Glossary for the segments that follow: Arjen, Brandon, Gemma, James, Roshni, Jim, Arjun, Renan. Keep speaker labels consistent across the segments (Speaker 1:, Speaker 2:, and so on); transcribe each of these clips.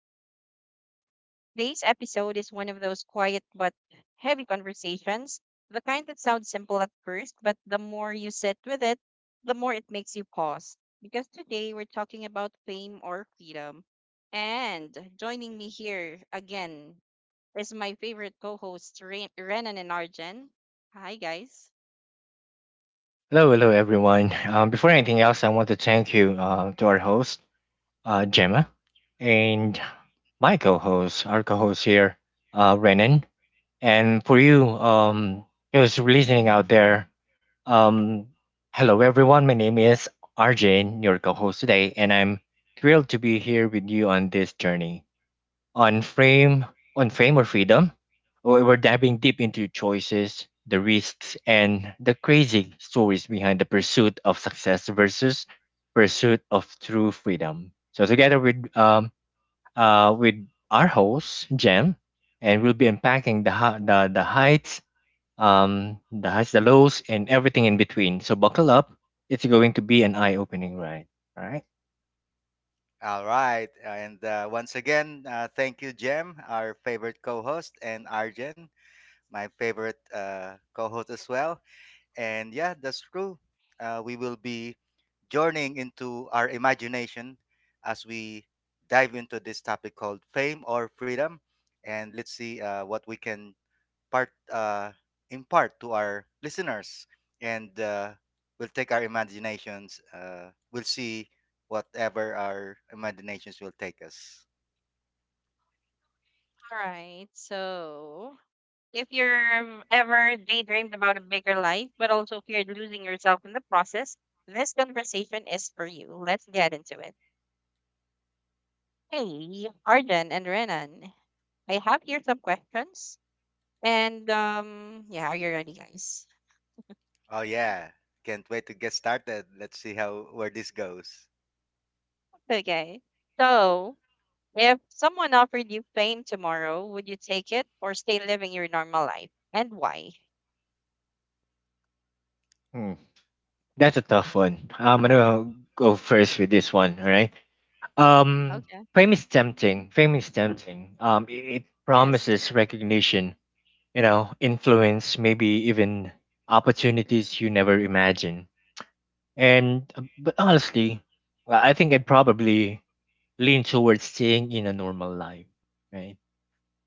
Speaker 1: back to the podcast. Today's episode is one of those quiet but heavy conversations, the kind that sounds simple at first, but the more you sit with it, the more it makes you pause. Because today we're talking about fame or freedom. And joining me here again is my favorite co host, Renan and Arjen. Hi, guys.
Speaker 2: Hello, hello, everyone. Before anything else, I want to thank you to our host, Gemma, and my co host, our co host here, Renan. And for you, those listening out there, um, hello, everyone. My name is Arjun, your co host today, and I'm thrilled to be here with you on this journey on frame on fame or freedom. We're diving deep into choices, the risks, and the crazy stories behind the pursuit of success versus pursuit of true freedom. So together with our host Jen, and we'll be unpacking the heights, the highs, the lows, and everything in between. So buckle up, it's going to be an eye-opening ride. All right.
Speaker 3: All right. And once again, thank you, Jem, our favorite co host, and Arjen, my favorite co host as well. And yeah, that's true. We will be journeying into our imagination as we dive into this topic called fame or freedom. And let's see what we can part impart to our listeners, and we'll take our imaginations. We'll see whatever our imaginations will take us.
Speaker 1: All right, so. If you're ever daydreamed about a bigger life, but also feared losing yourself in the process, this conversation is for you. Let's get into it. Hey, Arjun and Renan, I have here some questions. And yeah, are you ready, guys?
Speaker 3: Oh yeah, can't wait to get started. Let's see how where this goes.
Speaker 1: Okay. So, if someone offered you fame tomorrow, would you take it or stay living your normal life? And why?
Speaker 2: Hmm, that's a tough one. I'm gonna go first with this one. All right. Um,
Speaker 1: Okay.
Speaker 2: fame is tempting. Fame is tempting. It
Speaker 1: Yes.
Speaker 2: promises recognition, you know, influence, maybe even opportunities you never imagine. And but honestly, well, I think I'd probably lean towards staying in a normal life, right?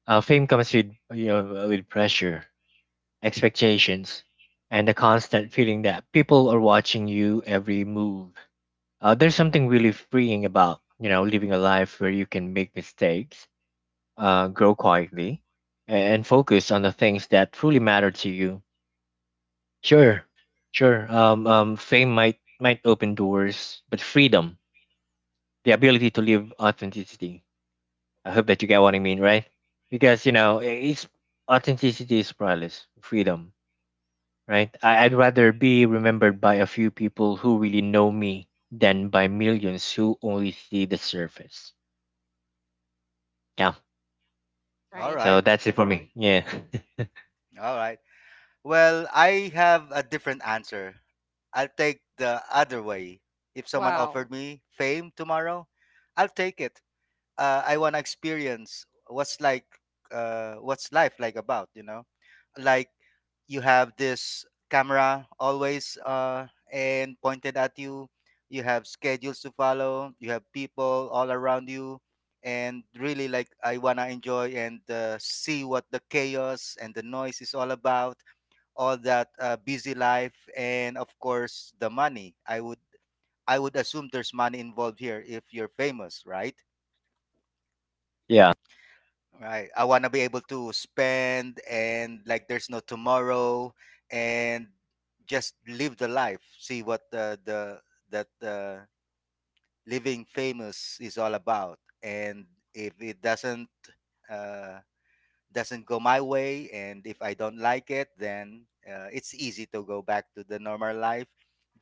Speaker 2: Fame comes with, you know, with pressure, expectations, and the constant feeling that people are watching you every move. There's something really freeing about, you know, living a life where you can make mistakes, grow quietly, and focus on the things that truly matter to you. Sure, sure. Fame might open doors, but freedom, the ability to live authenticity. I hope that you get what I mean, right? Because you know, it's authenticity is priceless. Freedom, right? I'd rather be remembered by a few people who really know me than by millions who only see the surface. Yeah.
Speaker 3: All
Speaker 1: Right.
Speaker 2: So
Speaker 3: right,
Speaker 2: that's it for me. Yeah.
Speaker 3: all right. Well, I have a different answer. I'll take the other way. If someone
Speaker 1: Wow.
Speaker 3: offered me fame tomorrow, I'll take it. I want to experience what's like what's life like about you know like you have this camera always and pointed at you, you have schedules to follow, you have people all around you, and really like I want to enjoy and see what the chaos and the noise is all about, all that busy life, and of course the money. I would assume there's money involved here if you're famous, right?
Speaker 2: Yeah.
Speaker 3: Right. I want to be able to spend and like there's no tomorrow and just live the life. See what the that living famous is all about. And if it uh, doesn't go my way, and if I don't like it, then it's easy to go back to the normal life,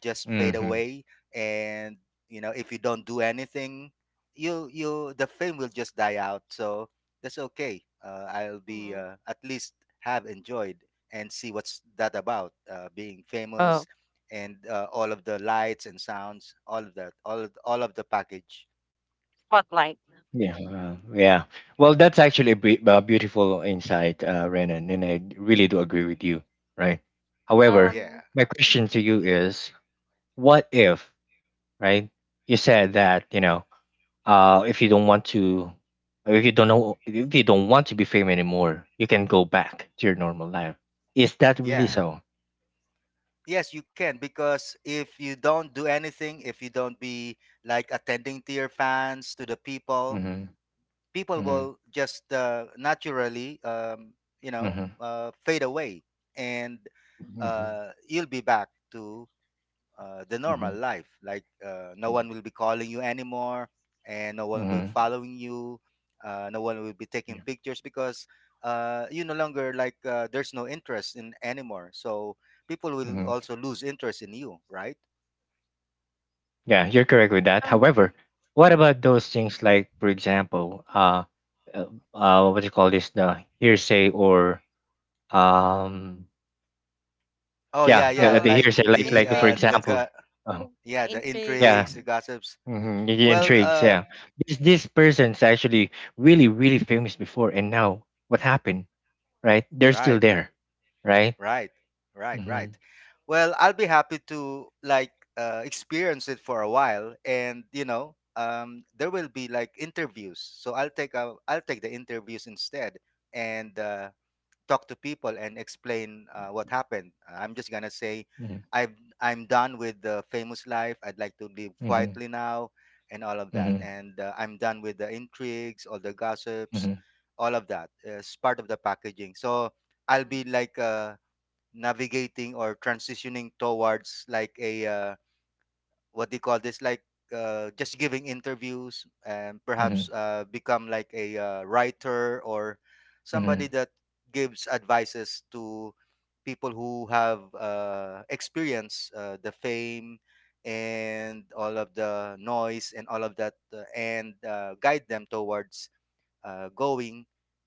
Speaker 3: just fade
Speaker 2: Hmm.
Speaker 3: away. And you know, if you don't do anything, you the fame will just die out, so that's okay. I'll be
Speaker 1: Hmm.
Speaker 3: at least have enjoyed and see what's that about, being famous
Speaker 1: Oh,
Speaker 3: and all of the lights and sounds, all of that, all of the package.
Speaker 1: spotlight.
Speaker 2: Yeah. Yeah. Well, that's actually a beautiful insight, Renan, and I really do agree with you. Right. However,
Speaker 1: Um,
Speaker 3: Yeah,
Speaker 2: my question to you is, what if, right? You said that, you know, if you don't want to, if you don't know, if you don't want to be famous anymore, you can go back to your normal life. Is that really
Speaker 3: yeah.
Speaker 2: so?
Speaker 3: Yes, you can, because if you don't do anything, if you don't be like attending to your fans, to the people,
Speaker 2: Mm-hmm.
Speaker 3: people
Speaker 2: Mm-hmm.
Speaker 3: will just naturally, you know,
Speaker 2: Mm-hmm.
Speaker 3: fade away, and
Speaker 2: Mm-hmm.
Speaker 3: you'll be back to the normal
Speaker 2: Mm-hmm.
Speaker 3: life. Like no
Speaker 2: Yeah.
Speaker 3: one will be calling you anymore, and no one will be
Speaker 2: Mm-hmm.
Speaker 3: following you. No one will be taking
Speaker 2: Yeah.
Speaker 3: pictures because you no longer like there's no interest in anymore. So people will
Speaker 2: Mm-hmm.
Speaker 3: also lose interest in you, right?
Speaker 2: Yeah, you're correct with that.
Speaker 1: mhm.
Speaker 2: However, what about those things like, for example, uh, what do you call this, the hearsay or um,
Speaker 3: Oh yeah,
Speaker 2: yeah, yeah,
Speaker 3: yeah.
Speaker 2: the
Speaker 1: Uh,
Speaker 3: Like
Speaker 2: hearsay,
Speaker 3: the
Speaker 2: like for
Speaker 3: uh, the
Speaker 1: intrigues,
Speaker 2: example,
Speaker 3: gu-
Speaker 2: um,
Speaker 3: yeah, the
Speaker 1: intrigues.
Speaker 2: yeah,
Speaker 3: intrigues, the gossips.
Speaker 2: mm-hmm, the
Speaker 3: Well,
Speaker 2: intrigues,
Speaker 3: uh,
Speaker 2: yeah. This person's actually really really famous before, and now what happened, right? They're still
Speaker 3: right.
Speaker 2: there, right?
Speaker 3: Right, right,
Speaker 2: Mm-hmm,
Speaker 3: right. Well, I'll be happy to like experience it for a while, and you know, there will be like interviews. So I'll take the interviews instead, and talk to people and explain what happened. I'm just gonna say,
Speaker 2: mm-hmm,
Speaker 3: I'm I'm done with the famous life. I'd like to live
Speaker 2: mm-hmm,
Speaker 3: quietly now, and all of that.
Speaker 2: mm-hmm,
Speaker 3: And I'm done with the intrigues, all the gossips,
Speaker 2: mm-hmm,
Speaker 3: all of that. It's part of the packaging. So I'll
Speaker 1: Mhm,
Speaker 3: be like navigating or transitioning towards like a what do you call this, like just giving interviews and
Speaker 2: mm-hmm,
Speaker 3: perhaps become like a writer or somebody
Speaker 2: mm-hmm,
Speaker 3: that gives advices to people who have experienced the fame and all of the noise and all of that, and guide them towards going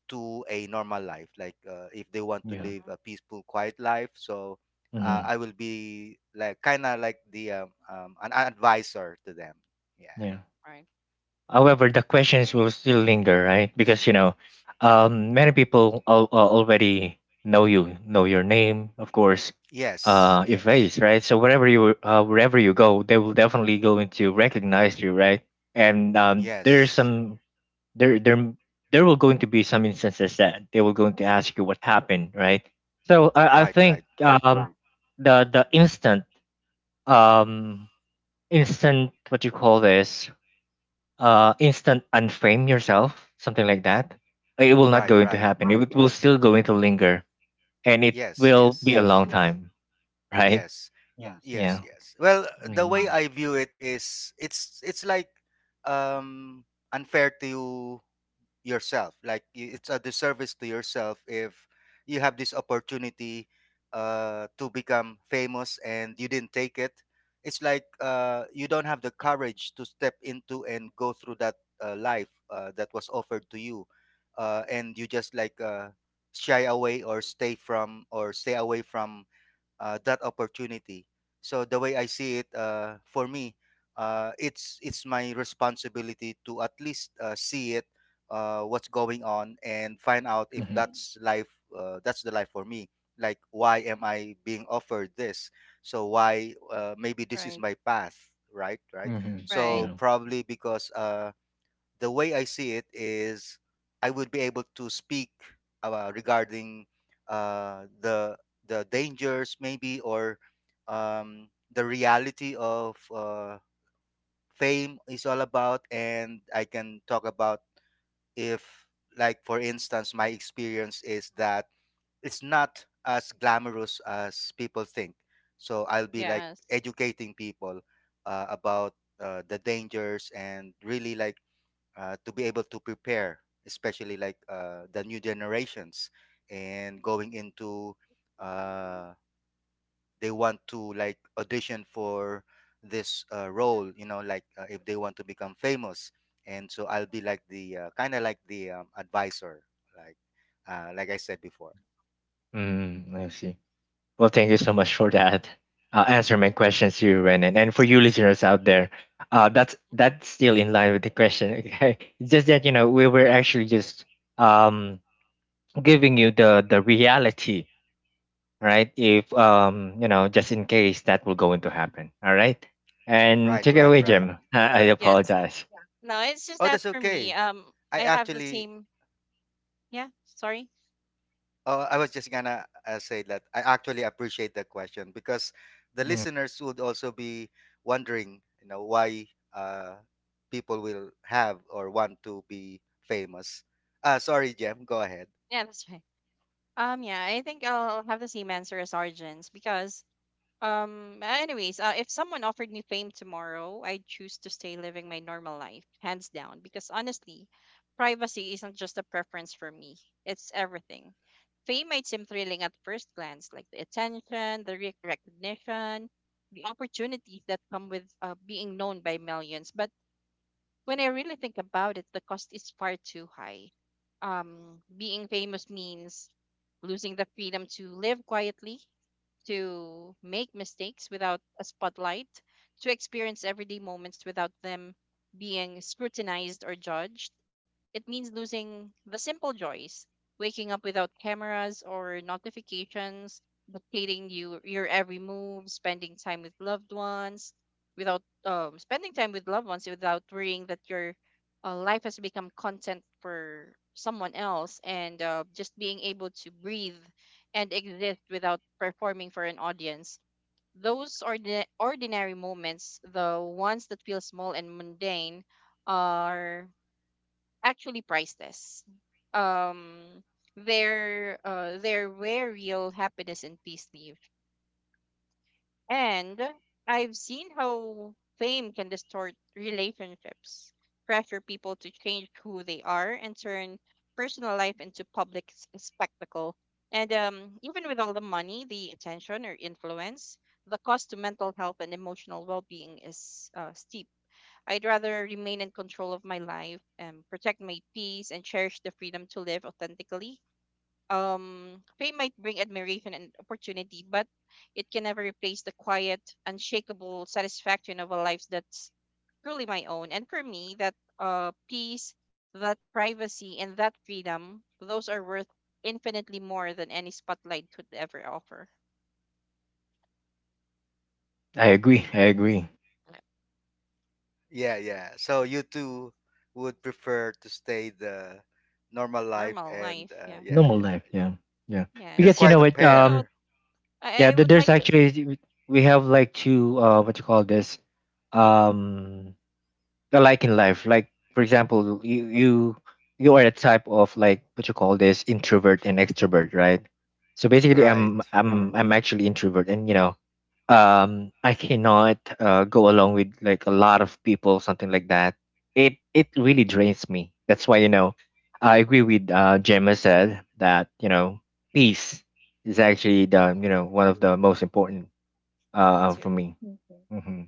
Speaker 3: to a normal life, like if they want to
Speaker 2: yeah,
Speaker 3: live
Speaker 1: mhm,
Speaker 3: a peaceful quiet life. So
Speaker 2: mm-hmm,
Speaker 3: I will be like kind of like the an advisor to them. Yeah,
Speaker 2: yeah.
Speaker 1: right.
Speaker 2: However,
Speaker 1: i
Speaker 2: the
Speaker 1: think
Speaker 2: questions will still linger, right? Because you know, many people already know you, know your name, of course,
Speaker 3: yes,
Speaker 2: your
Speaker 3: yes,
Speaker 2: face, right? So wherever you go, they will definitely going to recognize you, right? And there's
Speaker 3: yes,
Speaker 2: some there there will going to be some instances that they will going to ask you what happened, right? So I
Speaker 3: right,
Speaker 2: think
Speaker 3: right,
Speaker 2: the instant um instant what you call this instant unframe yourself something like that, it will not
Speaker 3: right,
Speaker 2: going to
Speaker 3: right,
Speaker 2: happen, it will still going to linger, and it
Speaker 3: yes,
Speaker 2: will be
Speaker 3: yes,
Speaker 2: a long, yes, time, right?
Speaker 3: yes. Yes,
Speaker 2: Yeah.
Speaker 3: yes. Well,
Speaker 1: Right,
Speaker 3: the
Speaker 2: Mm.
Speaker 3: way I view it is it's like um unfair to you yourself. Like you, it's a disservice to yourself if you have this opportunity to become famous and you didn't take it. It's like you don't have the courage to step into and go through that life that was offered to you. And you just like shy away or stay away from that opportunity. So the way I see it, for me, it's my responsibility to at least see it, what's going on, and find out if
Speaker 2: Mm-hmm.
Speaker 3: that's life. That's the life for me. Like, why am I being offered this? So why? Maybe this is
Speaker 1: right,
Speaker 3: my path, right? Right.
Speaker 2: Mm-hmm.
Speaker 1: right.
Speaker 3: So
Speaker 2: Yeah.
Speaker 3: probably because the way I see it is I would be able to speak regarding uh, the the dangers maybe or the reality of fame is all about, and I can talk about if, like for instance, my experience is that it's not as glamorous as people think. So I'll be like
Speaker 1: Yes.
Speaker 3: educating people about the dangers and really like to be able to prepare, especially like the new generations and going into uh, they want to like audition for this role, you know, like if they want to become famous. And so I'll be like the kind of like the advisor, like like I said before.
Speaker 2: Mm, I see. Well, thank you so much for that. Answer my questions to you, Renan, and for you listeners out there,
Speaker 1: Mm-hmm.
Speaker 2: that's still in line with the question. Okay, it's just that you know we were
Speaker 1: Right.
Speaker 2: actually just um giving you the reality, right? If you know, just in case that will going to happen. All right.
Speaker 1: i
Speaker 2: And
Speaker 3: Right,
Speaker 2: take
Speaker 1: think
Speaker 2: it
Speaker 3: right,
Speaker 2: away,
Speaker 3: right.
Speaker 2: Jim. I
Speaker 1: yes
Speaker 2: apologize.
Speaker 1: no it's just
Speaker 3: Oh,
Speaker 1: that
Speaker 3: that's
Speaker 1: for me,
Speaker 3: okay.
Speaker 1: um
Speaker 3: I
Speaker 1: i have the
Speaker 3: actually
Speaker 1: same Yeah, sorry.
Speaker 3: Oh, I was just gonna say that I actually appreciate the question because the
Speaker 2: Mm,
Speaker 3: listeners would also be wondering, you know, why uh, people will have or want to be famous. Sorry, Jem, go ahead.
Speaker 1: Yeah, that's right. Um, yeah, I think I'll have the same answer as Arjun's, because um, anyways, if someone offered me fame tomorrow, I'd choose to stay living my normal life, hands down, because honestly, privacy isn't just a preference for me, it's everything. Fame might seem thrilling at first glance, like the attention, the recognition, the opportunities that come with being known by millions. But when I really think about it, the cost is far too high. Being famous means losing the freedom to live quietly, to make mistakes without a spotlight, to experience everyday moments without them being scrutinized or judged. It means losing the simple joys, waking up without cameras or notifications, dictating your every move, spending time with loved ones, without spending time with loved ones without worrying that your life has become content for someone else, and just being able to breathe and exist without performing for an audience. Those ordinary moments, the ones that feel small and mundane, are actually priceless. Um, they're they where real happiness and peace live. And I've seen how fame can distort relationships, pressure people to change who they are, and turn personal life into public spectacle. And even with all the money, the attention or influence, the cost to mental health and emotional well-being is steep. I'd rather remain in control of my life and protect my peace and cherish the freedom to live authentically. Fame might bring admiration and opportunity, but it can never replace the quiet, unshakable satisfaction of a life that's truly my own. And for me, that peace, that privacy, and that freedom, those are worth infinitely more than any spotlight could ever offer.
Speaker 2: I agree. I agree.
Speaker 3: Yeah, yeah. So you two would prefer to stay the normal life,
Speaker 1: Normal
Speaker 3: and
Speaker 1: life, yeah.
Speaker 3: yeah,
Speaker 2: Normal
Speaker 3: yeah.
Speaker 2: life. Yeah. Yeah.
Speaker 3: You're
Speaker 2: Because
Speaker 1: Yes.
Speaker 2: you
Speaker 3: quite
Speaker 2: know
Speaker 3: a
Speaker 2: what?
Speaker 1: You know,
Speaker 3: pair,
Speaker 2: Yeah.
Speaker 1: I would
Speaker 2: There's
Speaker 1: like to.
Speaker 2: actually we have like two. What you call this? Um. The like in life. Like for example, you are a type of like what you call this, introvert and extrovert, right? So basically,
Speaker 3: right?
Speaker 2: I'm actually introvert, and you know I cannot go along with like a lot of people, something like that. It really drains me, that's why you know I agree with Gemma said that, you know, peace is actually
Speaker 1: Mm,
Speaker 2: the, you know, one of the most important
Speaker 1: me too.
Speaker 2: for me. Hmm.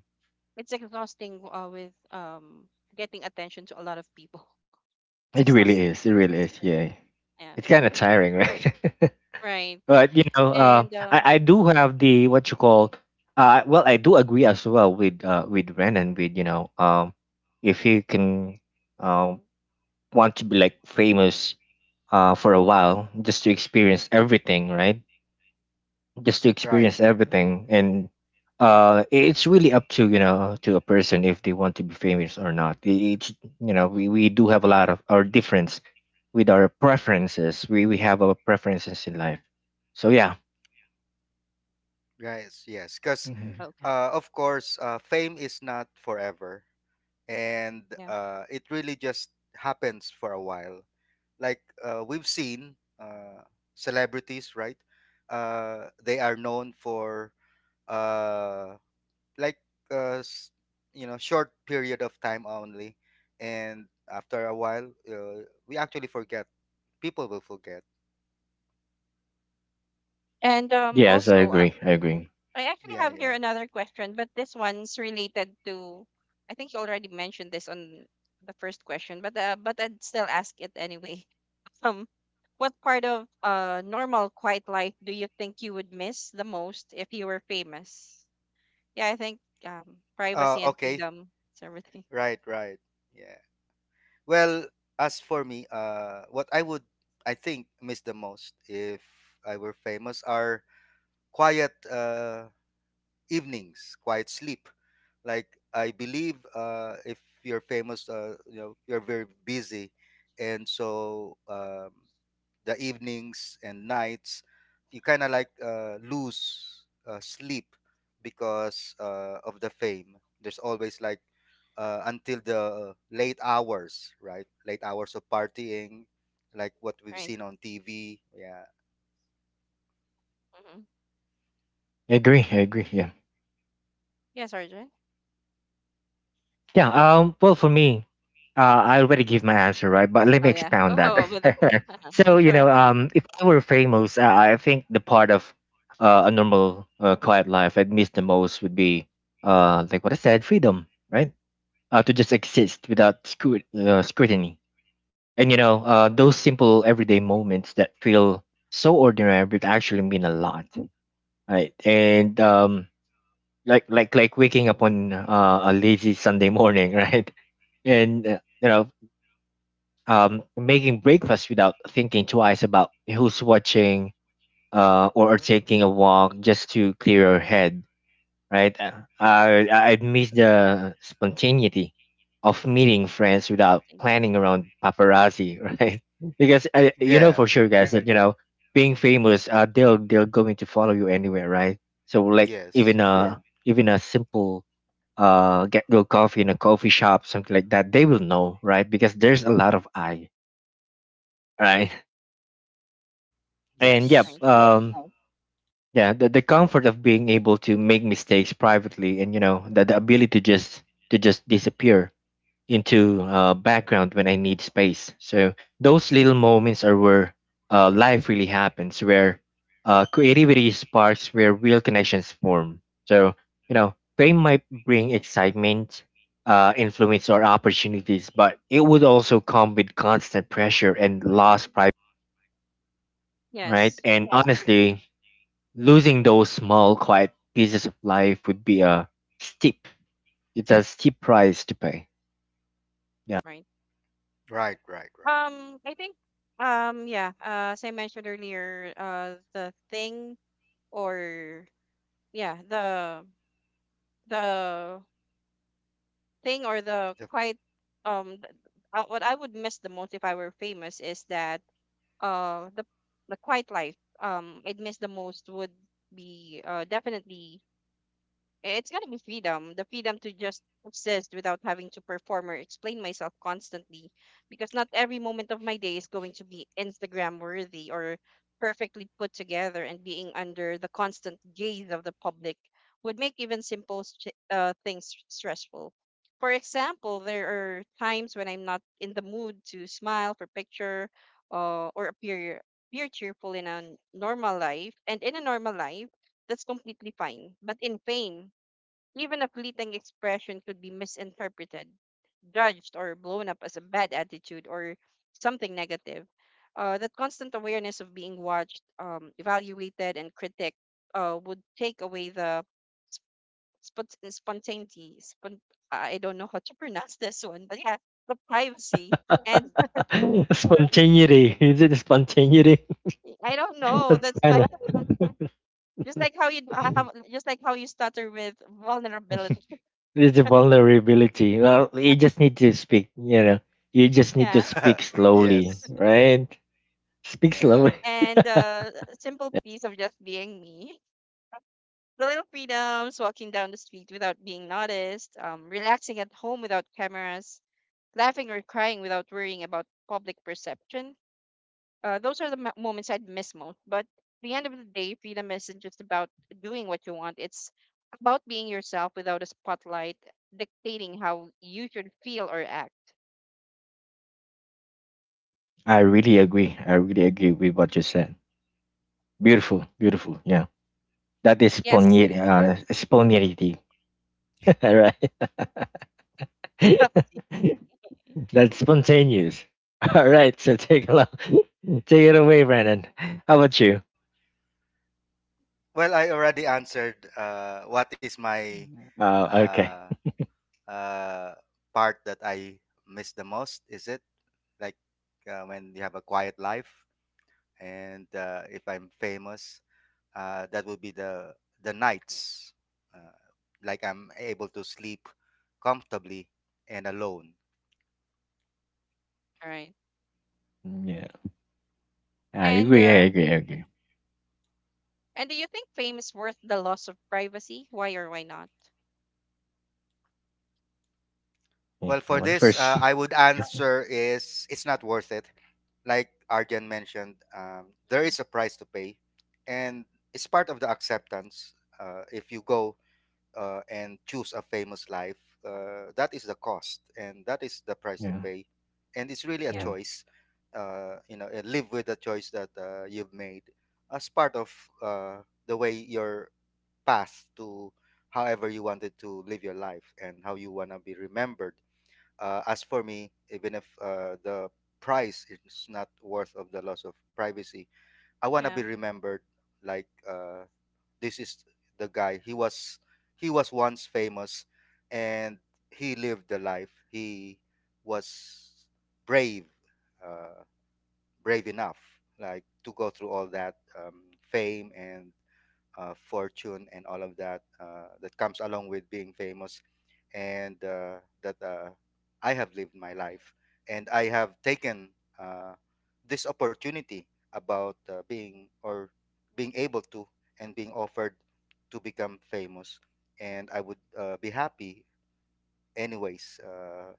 Speaker 1: It's exhausting with getting attention to a lot of people. It's
Speaker 2: It
Speaker 1: exhausting.
Speaker 2: really is, it really is, yeah.
Speaker 1: Yeah.
Speaker 2: It's kind of tiring, right?
Speaker 1: Right.
Speaker 2: But you know
Speaker 1: And
Speaker 2: I do have the what you call well I do agree as well with Ren, and with, you know, if he can um want to be like famous for a while, just to experience everything, right? Just to
Speaker 3: Right.
Speaker 2: experience everything, and it's really up to, you know, to a person if they want to be famous or not. It's, you know,
Speaker 1: mhm,
Speaker 2: we do have a lot of our difference with our preferences. We have our preferences in life, so yeah.
Speaker 3: Right, yes, yes. Because
Speaker 2: Mhm.
Speaker 1: okay.
Speaker 3: of course, fame is not forever, and
Speaker 1: Yeah.
Speaker 3: it really just happens for a while. Like we've seen celebrities, right? They are known for uh, like uh, s- you know, short period of time only, and after a while, we actually forget. People will forget.
Speaker 1: And
Speaker 2: Yes, I
Speaker 1: also,
Speaker 2: agree. I agree.
Speaker 1: I actually
Speaker 3: Yeah,
Speaker 1: have here
Speaker 3: yeah.
Speaker 1: another question, but this one's related to, I think you already mentioned this on the first question, but I'd still ask it anyway. Um, what part of uh, normal quiet life do you think you would miss the most if you were famous? Yeah, I think privacy and
Speaker 3: Okay,
Speaker 1: freedom is everything.
Speaker 3: right, right. Yeah. Well, as for me, what I would I think miss the most if I were famous are quiet evenings, quiet sleep. Like I believe, if you're famous, you know you're very busy, and so the evenings and nights, you kind of like lose sleep because of the fame. There's always like until the late hours, right? Late hours of partying, like what we've
Speaker 1: Right.
Speaker 3: seen on TV. Yeah,
Speaker 1: Mm-hmm.
Speaker 2: I agree. I agree. Yeah.
Speaker 1: Yeah, Sergeant.
Speaker 2: Yeah. Well, for me, I already give my answer, right? But let me
Speaker 1: Oh yeah.
Speaker 2: expound that.
Speaker 1: Oh, with a pen. You
Speaker 2: So you
Speaker 1: sure?
Speaker 2: know, if I were famous, I think the part of a normal, quiet life I'd miss the most would be, like what I said, freedom, right? To just exist without scrutiny, and you know, those simple everyday moments that feel so ordinary but actually mean a lot, right? And like waking up on a lazy Sunday morning, right? And you know, making breakfast without thinking twice about who's watching, or taking a walk just to clear your head, right? I miss the spontaneity of meeting friends without
Speaker 1: One.
Speaker 2: planning around paparazzi. Right, because I, you know for
Speaker 3: yeah,
Speaker 2: sure guys that you know being famous they'll they're going to follow you anywhere, right? So like
Speaker 3: yes,
Speaker 2: a even a simple get go coffee in a coffee shop, something like that, they will know, right? Because there's a lot of I right. And yep.
Speaker 3: yes.
Speaker 1: Right.
Speaker 2: Yes. Right. Yeah, the comfort of being able to make mistakes privately, and you know the ability to just disappear into background when I need space. So those little moments are where life really happens, where creativity sparks, where real connections form. So you know, fame might bring excitement, influence, or opportunities, but it would also come with constant pressure and lost pride, right?
Speaker 1: Yes.
Speaker 2: And honestly, losing those small, quiet pieces of life would be a steep. It's a steep price to pay.
Speaker 1: Right.
Speaker 3: Right, right, right.
Speaker 1: I think. Yeah. As I mentioned earlier, the thing or yeah, the thing or the
Speaker 3: The-
Speaker 1: quite th- what I would miss the most if I were famous is that uh the the quiet life I'd miss the most would be definitely, eh, it's gotta be freedom. The freedom to just exist without having to perform or explain myself constantly. Because not every moment of my day is going to be Instagram worthy or perfectly put together, and being under the constant gaze of the public would make even simple things stressful. For example, there are times when I'm not in the mood to smile for picture uh, or appear cheerful in a normal life. And in a normal life, that's completely fine. But in fame, even a fleeting expression could be misinterpreted, judged, or blown up as a bad attitude or something negative. That constant awareness of being watched, evaluated, and critiqued would take away the spontaneity. Spon- I don't know how to pronounce this one, but yeah, the privacy. And
Speaker 2: Spontaneity. Is it spontaneity?
Speaker 1: I don't know.
Speaker 2: That's
Speaker 1: That's
Speaker 2: kind
Speaker 1: my
Speaker 2: of
Speaker 1: just like how you have just like how you stutter with vulnerability.
Speaker 2: it's a vulnerability. Well, you just need to speak. You know, you just need to
Speaker 1: Yeah.
Speaker 2: speak slowly,
Speaker 3: yes.
Speaker 2: right? Speak
Speaker 3: Uh,
Speaker 2: slowly.
Speaker 1: And a simple piece of just being me. The little freedoms, walking down the street without being noticed, relaxing at home without cameras, laughing or crying without worrying about public perception. Those are the moments I'd miss most. But at the end of the day, freedom isn't just about doing what you want, it's about being yourself without a spotlight dictating how you should feel or act.
Speaker 2: I really agree. I really agree with what you said. Beautiful, beautiful. Yeah, that is
Speaker 1: Yes,
Speaker 2: spontaneity. Spontaneity. All right.
Speaker 1: stop.
Speaker 2: That's spontaneous. All right. So take it, take it away, Brandon. How about you?
Speaker 3: well, I already answered what is my
Speaker 2: Okay.
Speaker 3: uh, uh, part that I miss the most. Is it like when you have a quiet life, and if I'm famous, that would be the nights, uh, like I'm able to sleep comfortably and alone.
Speaker 1: All right.
Speaker 2: Yeah. I
Speaker 1: And
Speaker 2: agree. I
Speaker 1: uh,
Speaker 2: agree. I agree.
Speaker 1: and do you think fame is worth the loss of privacy? Why or why not?
Speaker 2: Yeah,
Speaker 3: Well,
Speaker 2: I
Speaker 3: for
Speaker 2: want to
Speaker 3: this,
Speaker 2: first. See.
Speaker 3: I would
Speaker 2: Yeah.
Speaker 3: answer is it's not worth it. Like Arjan mentioned, there
Speaker 1: Mhm.
Speaker 3: is a price to pay, and it's part of the acceptance. If you go and choose a famous life, that is the cost, and that is the price to
Speaker 2: Yeah.
Speaker 3: pay, and it's really a
Speaker 1: Yeah,
Speaker 2: Yeah.
Speaker 3: choice. You know, and live with the choice that you've made as part of uh, the way your path to however you wanted to live your life and how you want to be remembered. As for me, even if the price is not worth of the loss of privacy, I wanna be
Speaker 1: yeah.
Speaker 3: remembered like this is the guy. He was once famous, and he lived the life. He was brave, uh, brave enough, like to go through all that fame and fortune and all of that that comes along with being famous, and that I have lived my life, and I have taken uh, this opportunity about being able to and being offered to become famous, and I would be happy anyways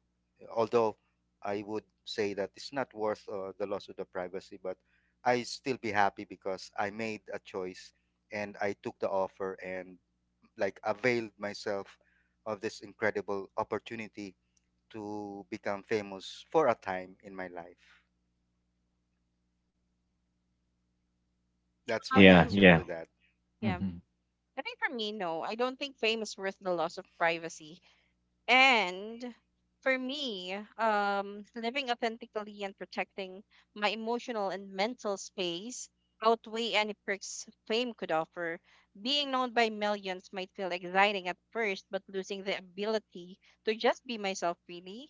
Speaker 3: although I would say that it's not worth the loss of the privacy, but I still be happy because I made a choice, and I took the offer and like availed myself of this incredible opportunity to become famous for a time in my life. That's my
Speaker 2: Yeah.
Speaker 1: Um,
Speaker 3: answer
Speaker 2: Yeah.
Speaker 3: to that.
Speaker 1: yeah.
Speaker 2: Hmm.
Speaker 1: I think for me, no. I don't think fame is worth the loss of privacy. And for me, living authentically and protecting my emotional and mental space outweigh any perks fame could offer. Being known by millions might feel exciting at first, but losing the ability to just be myself really,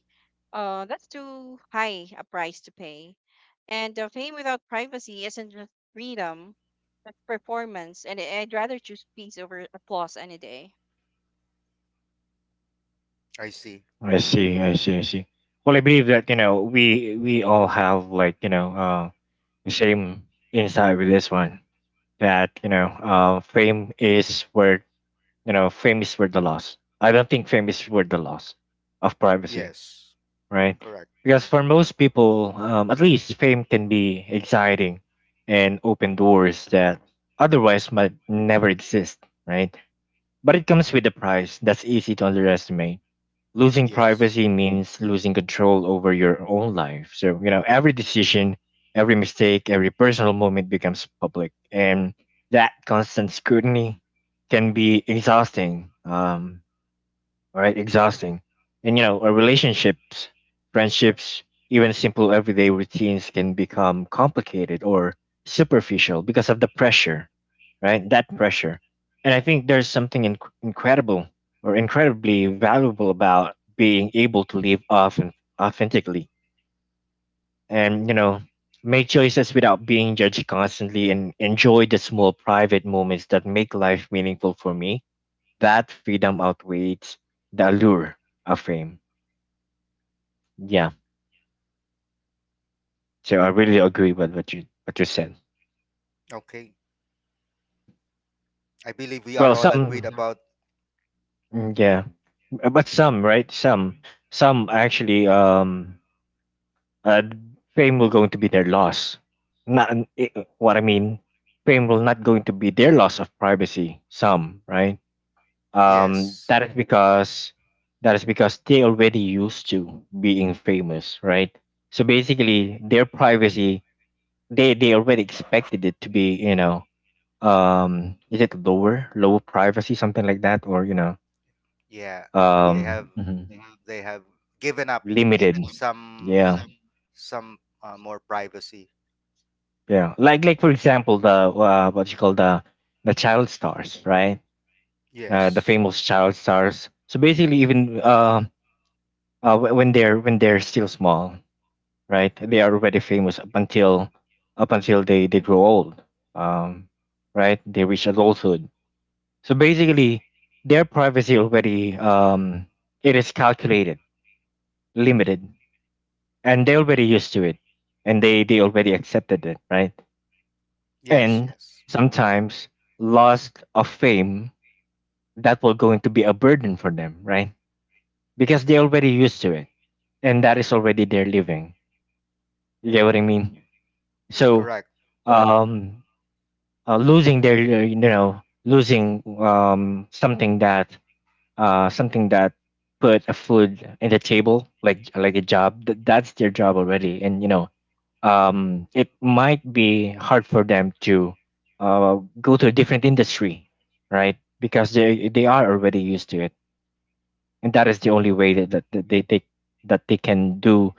Speaker 1: that's too high a price to pay. And fame without privacy isn't just freedom, but performance. And I'd rather choose peace over applause any day.
Speaker 3: I see.
Speaker 2: I see. I see. I see. Well, I believe that you know we all have like you know the same insight with this one, that you know fame is worth the loss. I don't think fame is worth the loss of privacy.
Speaker 3: Yes.
Speaker 2: Right?
Speaker 3: Correct.
Speaker 2: Because for most people, at least fame can be exciting and open doors that otherwise might never exist, right? But it comes with a price that's easy to underestimate. Losing
Speaker 3: Yes.
Speaker 2: privacy means losing control over your own life. So, you know, every decision, every mistake, every personal moment becomes public. And that constant scrutiny can be exhausting. Right? Exhausting. And you know, our relationships, friendships, even simple everyday routines can become complicated or superficial because of the pressure, right? That pressure. And I think there's something incredible or incredibly valuable about being able to live off and authentically and, you know, make choices without being judged constantly and enjoy the small private moments that make life meaningful. For me, that freedom outweighs the allure of fame. Yeah. So I really agree with what you said.
Speaker 3: Okay. I believe we are
Speaker 2: Well,
Speaker 3: all agreed
Speaker 2: some. Yeah.
Speaker 3: about
Speaker 2: Mm, yeah. But some, right, some actually uh, fame will going to be their loss. Not an- I- what I mean. Fame will not going to be their loss of privacy. Some right. Um,
Speaker 3: yes.
Speaker 2: that is because that is because they already used to being famous, right? So basically, their privacy, they already expected it to be, you know, is it lower lower privacy, something like that, or you know.
Speaker 3: Yeah. They have
Speaker 2: Mm. Mhm.
Speaker 3: they have given up
Speaker 2: Limited.
Speaker 3: some
Speaker 2: Yeah,
Speaker 3: some more privacy.
Speaker 2: yeah, like for example, the what you call the child stars, right? The
Speaker 3: Yes.
Speaker 2: famous child stars. So basically, even when they're still small, right, they are already famous up until they grow old, um right, they reach adulthood. So basically, their privacy already, it is calculated, limited, and they already used to it, and they already accepted it, right?
Speaker 3: Yes,
Speaker 2: And
Speaker 3: yes.
Speaker 2: sometimes, loss of fame, that will going to be a burden for them, right? Because they already used to it, and that is already their living. You get what I mean? So,
Speaker 3: Correct.
Speaker 2: um, losing their you know losing, something that, uh, something that put a food in the table, like a job. That's their job already, and you know, it might be hard for them to go to a different industry, right? Because they are already used to it, and that is the only way that, that that they that they can do,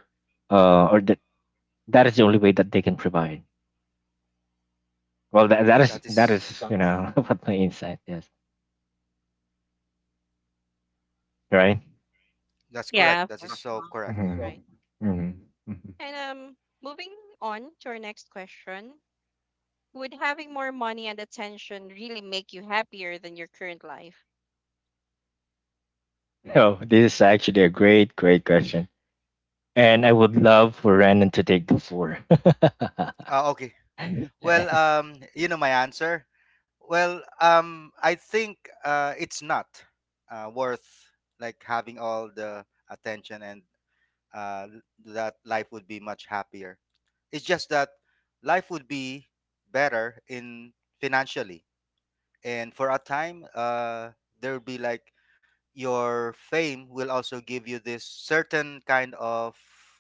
Speaker 2: or that that is the only way that they can provide. Well, that that is
Speaker 3: That
Speaker 2: that
Speaker 3: is
Speaker 2: is what my insight is, right?
Speaker 3: that's correct.
Speaker 1: Yeah,
Speaker 3: That is
Speaker 1: for-
Speaker 3: so correct.
Speaker 1: right.
Speaker 2: Hmm. Hmm.
Speaker 1: And moving on to our next question, would having more money and attention really make you happier than your current life?
Speaker 2: Oh, this is actually a great, great question. And I would love for Renan to take the floor.
Speaker 3: Okay,
Speaker 2: Hmm.
Speaker 3: well, you know my answer. Well, I think it's not worth like having all the attention, and uh, that life would be much happier. It's just that life would be better in financially, and for a time, there will be like your fame will also give you this certain kind of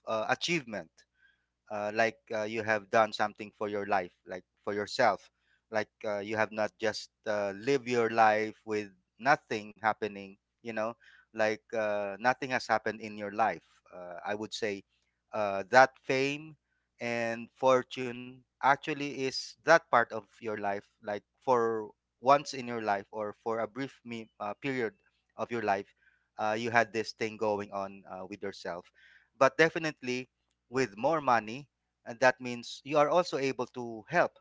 Speaker 3: achievement, like you have done something for your life, like for yourself, like you have not just lived your life with nothing happening, you know, like nothing has happened in your life. I would say that fame and fortune actually is that part of your life, like for once in your life or for a brief period of your life. You had this thing going on with yourself, but definitely with more money, and that means you are also able to help,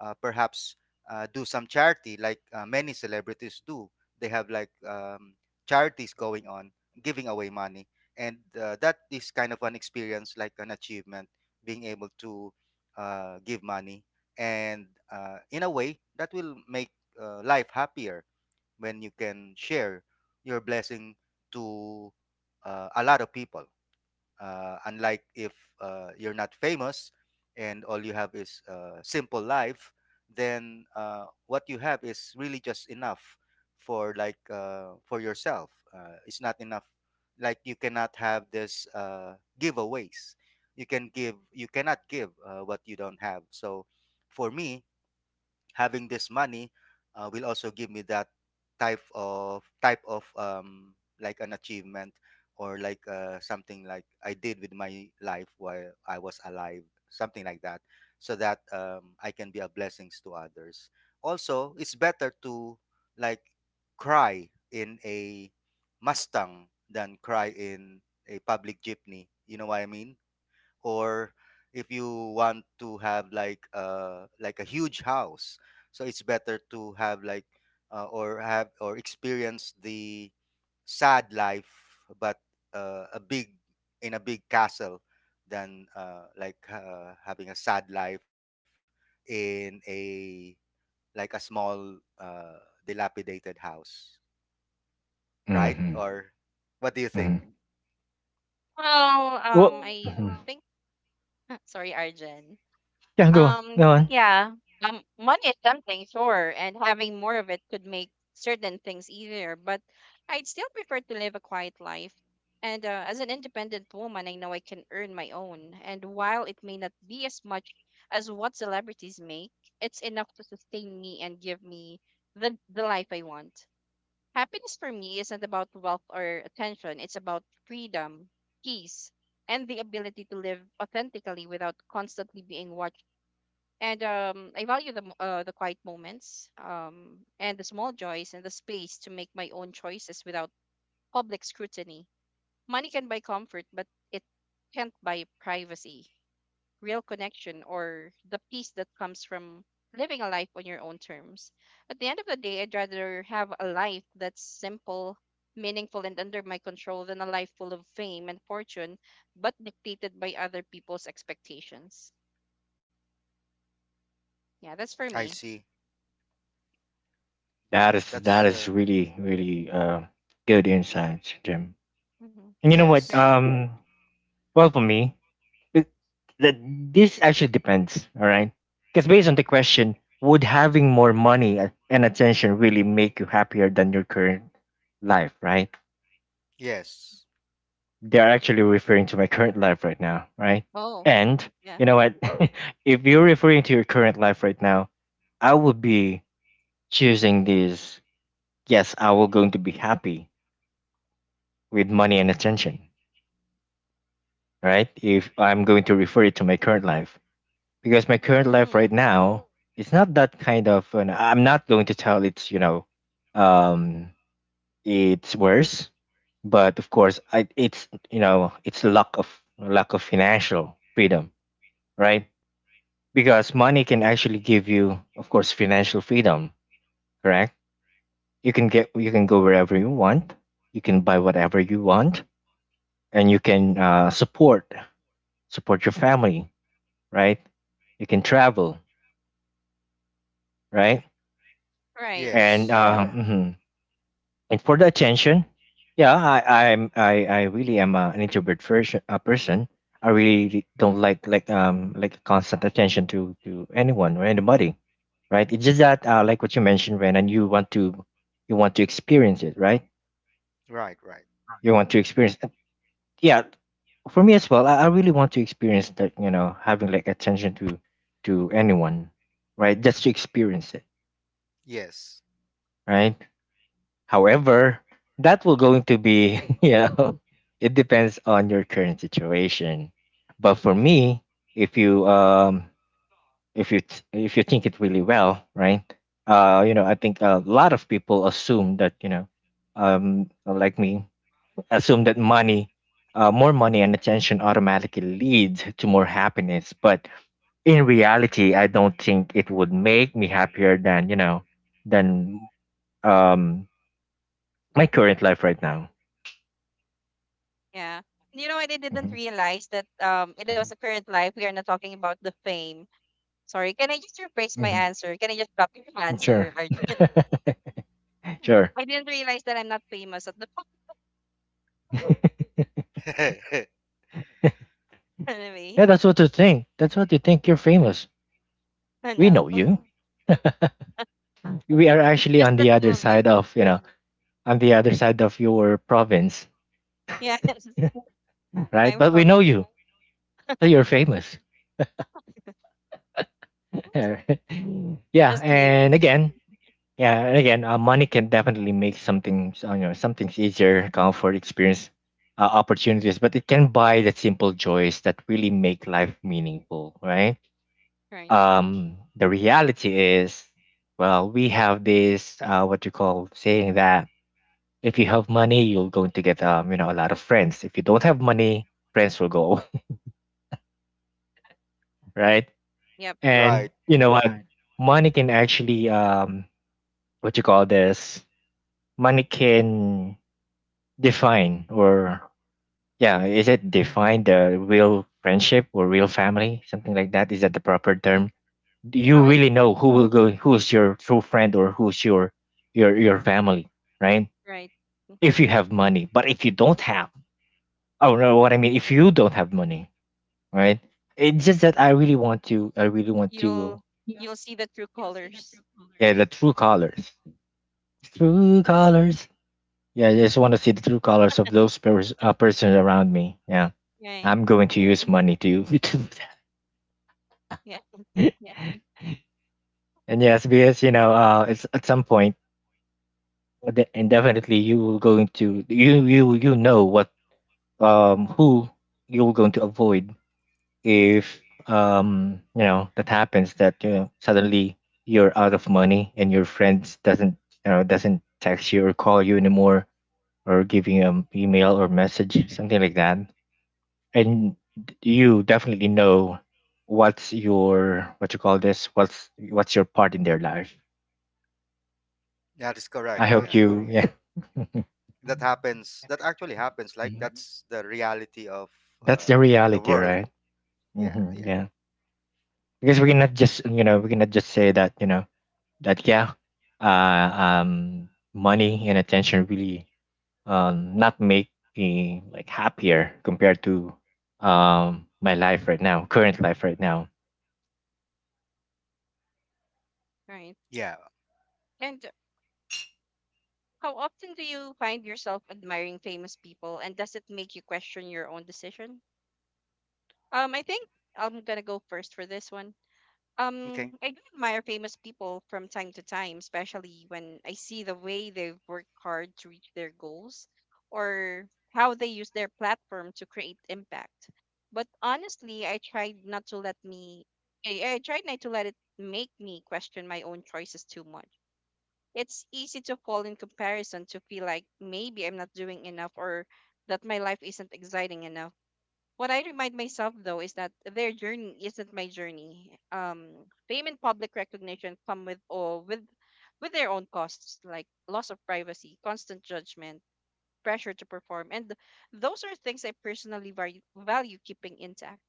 Speaker 3: perhaps do some charity, like, many celebrities do. They have like charities going on, giving away money, and that is kind of an experience, like an achievement, being able to give money and in a way that will make life happier, when you can share your blessing to a lot of people, unlike if you're not famous and all you have is a simple life, then what you have is really just enough for yourself. It's not enough. Like, you cannot have this giveaways. You can give. You cannot give what you don't have. So, for me, having this money will also give me that type of like an achievement, or like something like I did with my life while I was alive, something like that, so that I can be a blessings to others. Also, it's better to, like, cry in a Mustang than cry in a public jeepney. You know what I mean? Or if you want to have like a huge house, so it's better to have or have, or experience, the sad life, but a big in a big castle, than having a sad life in a, like, a small uh, dilapidated house, right? Or what do you think?
Speaker 2: Hmm.
Speaker 1: Well,
Speaker 2: Well,
Speaker 1: I
Speaker 2: mhm.
Speaker 1: think sorry, Arjen.
Speaker 2: Yeah, go on,
Speaker 1: Um,
Speaker 2: go on.
Speaker 1: yeah. Money is something, sure, and having more of it could make certain things easier, but I'd still prefer to live a quiet life. And as an independent woman, I know I can earn my own. And while it may not be as much as what celebrities make, it's enough to sustain me and give me the life I want. Happiness for me isn't about wealth or attention, it's about freedom, peace, and the ability to live authentically without constantly being watched, and I value the the quiet moments and the small joys and the space to make my own choices without public scrutiny. Money can buy comfort, but it can't buy privacy, real connection, or the peace that comes from living a life on your own terms. At the end of the day, I'd rather have a life that's simple, meaningful, and under my control than a life full of fame and fortune, but dictated by other people's expectations. Yeah, that's for
Speaker 3: I
Speaker 1: me.
Speaker 3: see. Yeah,
Speaker 2: That is
Speaker 3: that's
Speaker 2: that is really, really good insight, Jim.
Speaker 1: Hmm.
Speaker 2: And you know what?
Speaker 1: Right.
Speaker 3: yes,
Speaker 2: Well, for me, it, that this actually depends. All right, because based on the question, would having more money and attention really make you happier than your current life? Right?
Speaker 3: yes,
Speaker 2: They're actually referring to my current life right now, right?
Speaker 1: Oh,
Speaker 2: And
Speaker 1: yeah.
Speaker 2: you know what? If you're referring to your current life right now, I would be choosing this. Yes, I will going to be happy with money and attention, right? If I'm going to refer it to my current life, because my current life right
Speaker 1: Mm,
Speaker 2: now, it's not that kind of. And I'm not going to tell it's, you know, um, it's worse, but of course, I it's you know it's lack of, financial freedom, right? Because money can actually give you, of course, financial freedom. Correct. You can go wherever you want, you can buy whatever you want, and you can support, your family, right? You can travel, right?
Speaker 1: right.
Speaker 2: and
Speaker 3: yes.
Speaker 2: uh, mhm. and for the attention, yeah, I I'm I really am an introvert version, a person. I really don't like, constant attention to anyone or anybody, right? It's just that, like what you mentioned, Ren, and you want to experience it, right?
Speaker 3: Right, right.
Speaker 2: You want to experience, yeah. For me as well, I, really want to experience that, having like attention to anyone, right, just to experience it,
Speaker 3: Yes.
Speaker 2: right. However, that will going to be, it depends on your current situation. But for me, if you um if you if you think it really well, right? I think a lot of people assume that, like me, assume that money, more money and attention automatically leads to more happiness. But in reality, I don't think it would make me happier than, than um my current life right now.
Speaker 1: Yeah. And you know what? I didn't
Speaker 2: Mhm.
Speaker 1: realize that um, it was a
Speaker 2: Mhm.
Speaker 1: current life. We are not talking about the fame. Sorry. Can I just rephrase my
Speaker 2: Mhm.
Speaker 1: answer? Can I just copy your
Speaker 2: Sure.
Speaker 1: answer, Arjun?
Speaker 2: Sure.
Speaker 1: I didn't realize that I'm not famous at the moment. Anyway,
Speaker 2: Yeah, that's what you think. That's what you think. You're famous.
Speaker 1: I
Speaker 2: We
Speaker 1: know.
Speaker 2: know you. We are actually
Speaker 1: Just the two of you.
Speaker 2: on the other side of your province,
Speaker 1: Yeah.
Speaker 2: right?
Speaker 1: I'm
Speaker 2: But we know
Speaker 1: from
Speaker 2: you. So you're famous. yeah,
Speaker 1: just here.
Speaker 2: and again, yeah, and again, money can definitely make something, something's easier, comfort, experience, opportunities, but it can buy the simple joys that really make life meaningful, right?
Speaker 1: Right.
Speaker 2: The reality is, well, we have this what you call saying that, if you have money, you're going to get, a lot of friends. If you don't have money, friends will go away, right?
Speaker 1: Yep.
Speaker 2: And
Speaker 3: Right.
Speaker 2: you know what? Right. Money can actually, what you call this money can define or, yeah, is it define the real friendship or real family, something like that, is that the proper term?
Speaker 1: Oh,
Speaker 2: You
Speaker 1: I
Speaker 2: really
Speaker 1: think
Speaker 2: know, who will go who's your true friend, or who's your, your family, right?
Speaker 1: right.
Speaker 2: If you have money, but if you don't have, oh no, what I mean, if you don't have money, right? It's just that I really want to.
Speaker 1: You'll you'll see the true colors.
Speaker 2: Yeah, the true colors. True colors. Yeah, I just want to see the true colors of those, persons around me, yeah.
Speaker 1: Right.
Speaker 2: I'm going to use money to, to do
Speaker 1: Yeah.
Speaker 2: that. And yes, because, it's at some point. Well, and definitely you will going to, you know what, who you're going to avoid if, that happens, that, suddenly you're out of money and your friends doesn't, doesn't text you or call you anymore, or give you an email or message, something like that. And you definitely know what's your, what's, your part in their life.
Speaker 3: That is
Speaker 2: I
Speaker 3: correct.
Speaker 1: Right.
Speaker 2: hope
Speaker 3: Yeah.
Speaker 2: you. Yeah.
Speaker 3: That happens. That actually happens. Like,
Speaker 2: Mhm.
Speaker 3: that's the reality of
Speaker 2: That's the
Speaker 3: the
Speaker 2: reality,
Speaker 3: world.
Speaker 2: right.
Speaker 3: Yeah,
Speaker 2: Hmm.
Speaker 3: yeah.
Speaker 2: Yeah, because we cannot just, we cannot just say that, yeah, uh, money and attention really, not make me like happier compared to, my life right now, current life right now.
Speaker 1: Right.
Speaker 3: Yeah.
Speaker 1: And how often do you find yourself admiring famous people, and does it make you question your own decision? I think I'm gonna go first for this one.
Speaker 3: Okay.
Speaker 1: I do admire famous people from time to time, especially when I see the way they've worked hard to reach their goals or how they use their platform to create impact. But honestly, I tried not to let it make me question my own choices too much. It's easy to fall in comparison, to feel like maybe I'm not doing enough or that my life isn't exciting enough. What I remind myself though is that their journey isn't my journey. Fame and public recognition come with their own costs, like loss of privacy, constant judgment, pressure to perform, and those are things I personally value keeping intact.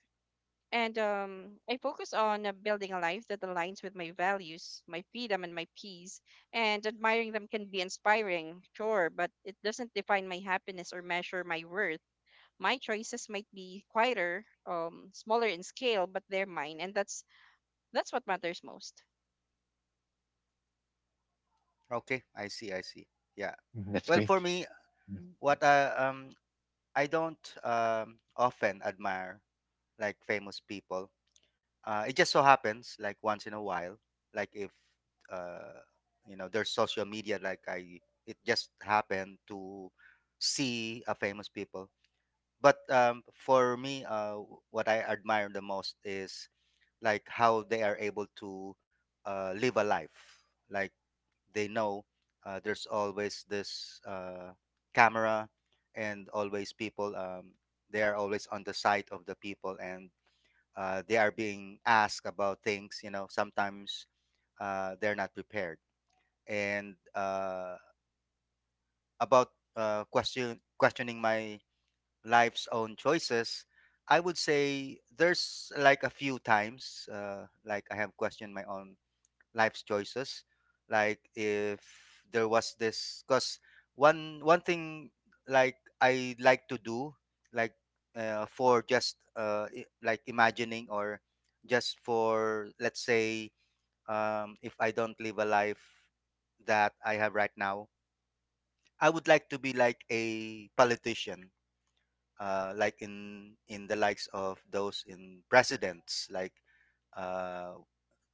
Speaker 1: And I focus on building a life that aligns with my values, my freedom, and my peace. And admiring them can be inspiring, sure, but it doesn't define my happiness or measure my worth. My choices might be quieter, smaller in scale, but they're mine, and that's what matters most.
Speaker 3: Okay. I see. I see. Yeah.
Speaker 2: Hmm. That's
Speaker 3: Well, for
Speaker 2: great.
Speaker 3: me, what I don't often admire, like, famous people. It just so happens, like, once in a while, like if uh, you know, there's social media. Like, I it just happened to see a famous people. But for me, what I admire the most is, like, how they are able to live a life. Like, they know there's always this camera and always people. They are always on the side of the people, and they are being asked about things, you know, sometimes they're not prepared. And about questioning my life's own choices, I would say there's, like, a few times like I have questioned my own life's choices. Like, if there was this. Because one thing, like I like to do, like for just like imagining, or just for, let's say, if I don't live a life that I have right now, I would like to be like a politician, like, in the likes of those in presidents, like uh,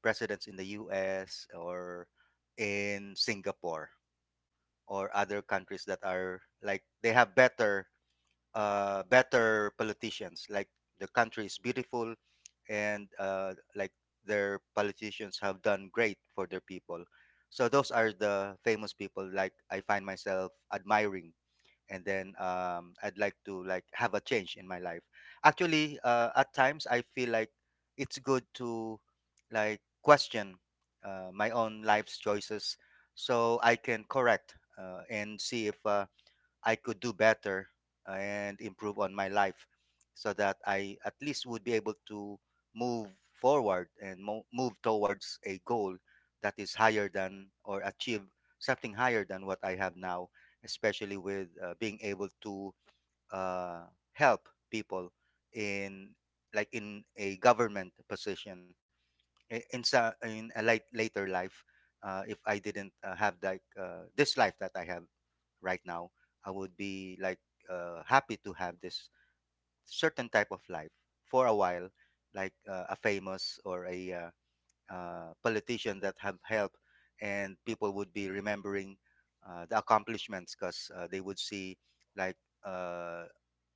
Speaker 3: presidents in the US, or in Singapore, or other countries that are, like, they have better politicians. Like, the country is beautiful, and like, their politicians have done great for their people. So those are the famous people, like, I find myself admiring. And then I'd like to, like, have a change in my life. Actually, at times I feel like it's good to, like, question my own life's choices, so I can correct and see if I could do better and improve on my life, so that I at least would be able to move forward and move towards a goal that is higher than, or achieve something higher than what I have now, especially with being able to uh, help people in, like, in a government position, in a late, later life. If I didn't have, like, this life that I have right now, I would be, like, happy to have this certain type of life for a while, like a famous, or a politician that have helped, and people would be remembering the accomplishments, because they would see, like, uh,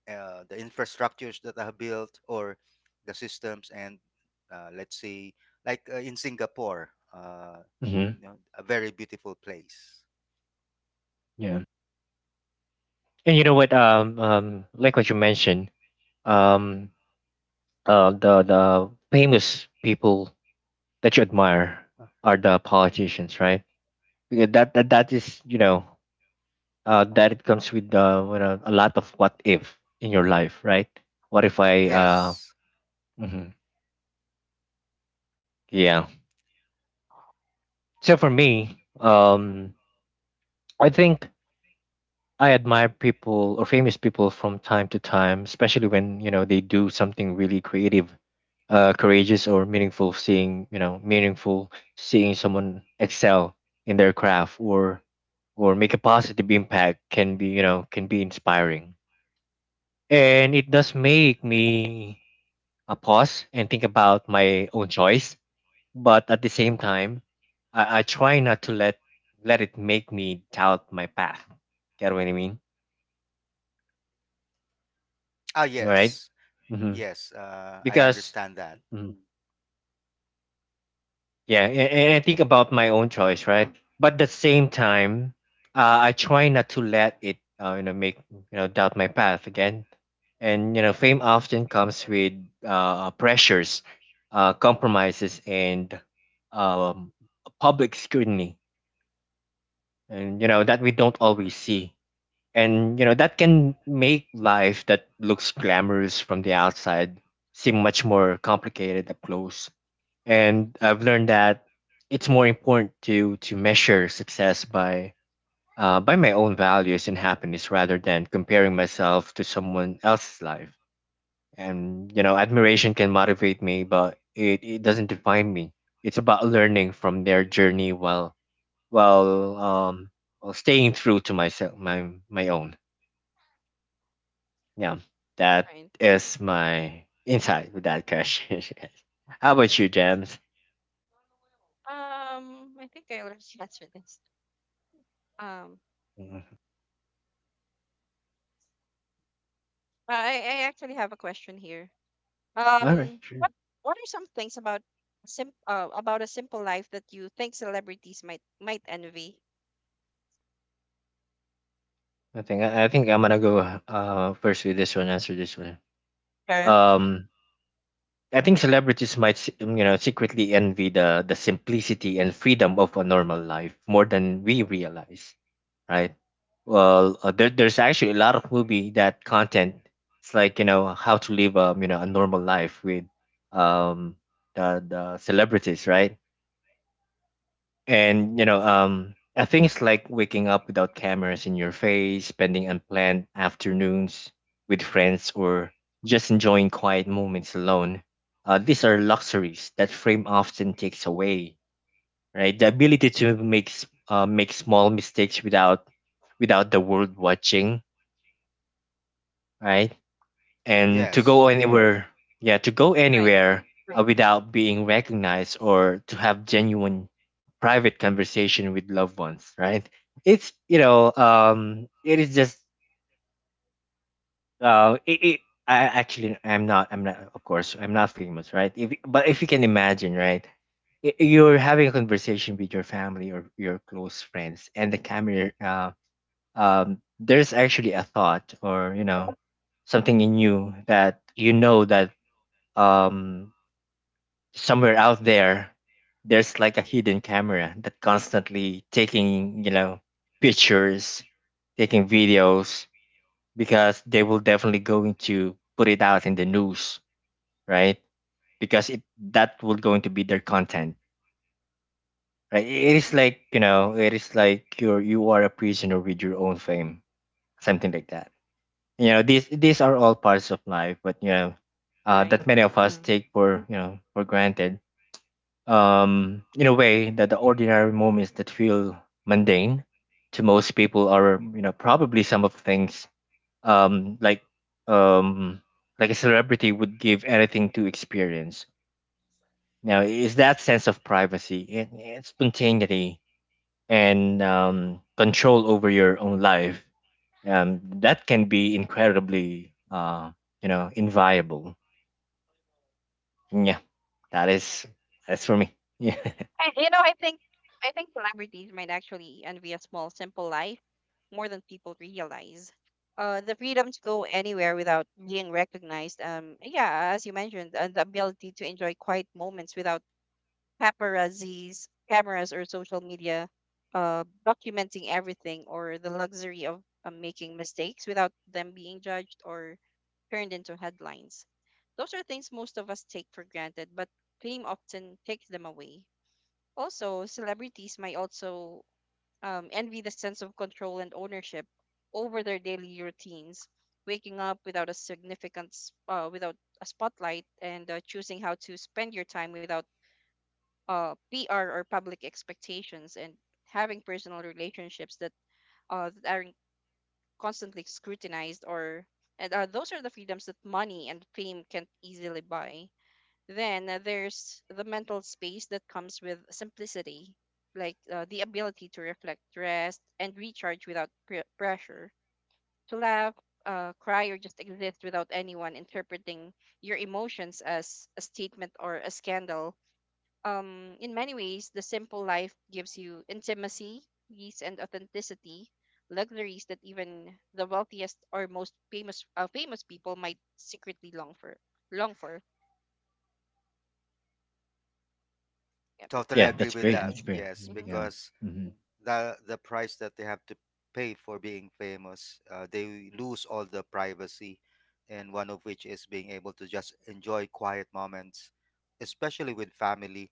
Speaker 3: the infrastructures that are built, or the systems, and let's see, like in Singapore,
Speaker 2: Mm-hmm.
Speaker 3: you know, a very beautiful place.
Speaker 2: Yeah, and you know what? Like what you mentioned, um, the, famous people that you admire are the politicians, right? Because that it comes with, you know, a lot of what if in your life, right? What if I?
Speaker 1: Right.
Speaker 3: Yes.
Speaker 2: Mhm. Yeah. So for me, I think I admire people or famous people from time to time, especially when, they do something really creative, courageous or meaningful. Seeing you know meaningful, Seeing someone excel in their craft, or, make a positive impact, can be, can be inspiring. And it does make me, I pause and think about my own choice, but at the same time, I, try not to let it make me doubt my path. Get what I mean?
Speaker 3: Ah,
Speaker 2: Right?
Speaker 3: yes.
Speaker 2: Mm-hmm.
Speaker 3: Yes, I
Speaker 2: Because,
Speaker 3: understand that.
Speaker 2: mm, yeah, and, I think about my own choice, right? But at the same time, I try not to let it, you know, make, doubt my path again. And you know, fame often comes with, pressures, compromises, and um, public scrutiny, and, you know, that we don't always see, and, you know, that can make life that looks glamorous from the outside seem much more complicated up close. And I've learned that it's more important to, measure success by, by my own values and happiness, rather than comparing myself to someone else's life. And you know, admiration can motivate me, but it, doesn't define me. It's about learning from their journey, while um while staying true to myself, my, own. Yeah, that
Speaker 1: Right.
Speaker 2: is my insight with that question. How about you, James?
Speaker 1: I think I already answered this. Um,
Speaker 2: Mhm.
Speaker 1: I actually have a question here.
Speaker 2: All right,
Speaker 1: Um,
Speaker 2: sure.
Speaker 1: what what are some things about sim about a simple life that you think celebrities might envy?
Speaker 2: I think I'm gonna go first with this one, answer this one.
Speaker 1: Sure.
Speaker 3: Hmm.
Speaker 2: um I think celebrities might, secretly envy the, simplicity and freedom of a normal life more than we realize, right? Well, there's actually a lot of movie that content. It's like, you know, how to live, a normal life with, um the, celebrities, right? And you know, I think it's like waking up without cameras in your face, spending unplanned afternoons with friends, or just enjoying quiet moments alone. These are luxuries that fame often takes away, right? The ability to make, make small mistakes without, the world watching, right? And to
Speaker 3: Yes,
Speaker 2: go anywhere, yeah, to go
Speaker 1: Right,
Speaker 2: anywhere, without being recognized, or to have genuine private conversation with loved ones, right? It's, you know, it is just. Uh, it, it, I actually, I'm not of course, I'm not famous, right? If But if you can imagine, right? You're having a conversation with your family or your close friends, and the camera. There's actually a thought, or, you know, something in you that, um somewhere out there, there's like a hidden camera that constantly taking, pictures, taking videos, because they will definitely going to put it out in the news, right? Because, it that will going to be their content, right? It is like you're, you are a prisoner with your own fame, something like that. You know, these are all parts of life, but
Speaker 1: right.
Speaker 2: that many of
Speaker 1: Mhm,
Speaker 2: us take for you know for granted. In a way that the ordinary moments that feel mundane to most people are probably some of things um like um like a celebrity would give anything to experience now is that sense of privacy and spontaneity and control over your own life that can be incredibly inviolable. Yeah, that
Speaker 1: right.
Speaker 2: is, that's for me. Yeah.
Speaker 1: I think I think celebrities might actually envy a small, simple life more than people realize. The freedom to go anywhere without being recognized. Yeah, as you mentioned, and the ability to enjoy quiet moments without paparazzi's cameras or social media documenting everything or the luxury of making mistakes without them being judged or turned into headlines. Those are things most of us take for granted, but fame often takes them away. Also, celebrities might also envy the sense of control and ownership over their daily routines, waking up without without a spotlight, and choosing how to spend your time without PR or public expectations and having personal relationships that that aren't constantly scrutinized or and those are the freedoms that money and fame can't easily buy. Then there's the mental space that comes with simplicity, like the ability to reflect, rest, and recharge without pressure, to laugh, cry, or just exist without anyone interpreting your emotions as a statement or a scandal. In many ways, the simple life gives you intimacy, peace, and authenticity, luxuries that even the wealthiest or most famous people might secretly long for. Long for. Yep.
Speaker 3: totally
Speaker 2: Yeah,
Speaker 3: agree
Speaker 2: that's
Speaker 3: with
Speaker 2: great,
Speaker 3: that.
Speaker 2: that's
Speaker 1: Yes.
Speaker 2: great.
Speaker 3: Yes,
Speaker 1: hmm
Speaker 2: Yeah.
Speaker 3: because
Speaker 2: Hmm.
Speaker 3: the price that they have to pay for being famous. They lose all the privacy, and one of which is being able to just enjoy quiet moments, especially with family,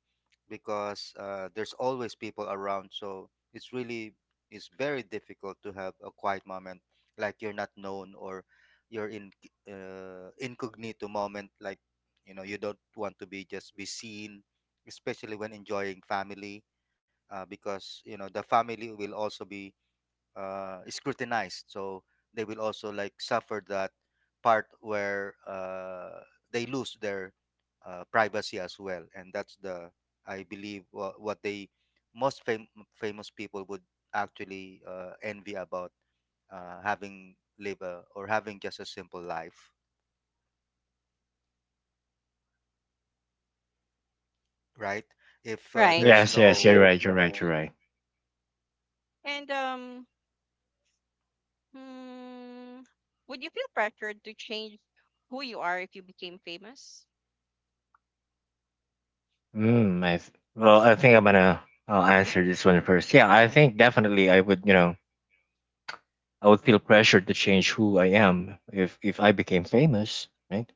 Speaker 3: because there's always people around. So it's very difficult to have a quiet moment, like, you're not known, or you're in incognito moment, like, you know, you don't want to be just be seen, especially when enjoying family, because you know the family will also be scrutinized, so they will also, like, suffer that part where they lose their privacy as well. And that's the I believe wha- what they most fam- famous people would actually envy about, having live a, or having just a simple life, right? If
Speaker 1: Right.
Speaker 3: there's
Speaker 2: Yes, yes,
Speaker 3: no.
Speaker 2: you're right, you're right, you're right.
Speaker 1: And hmm, would you feel pressured to change who you are if you became famous?
Speaker 2: Mm, I th- well, I think I'll answer this one first. Yeah, I think definitely I would, you know, I would feel pressured to change who I am if I became famous, right?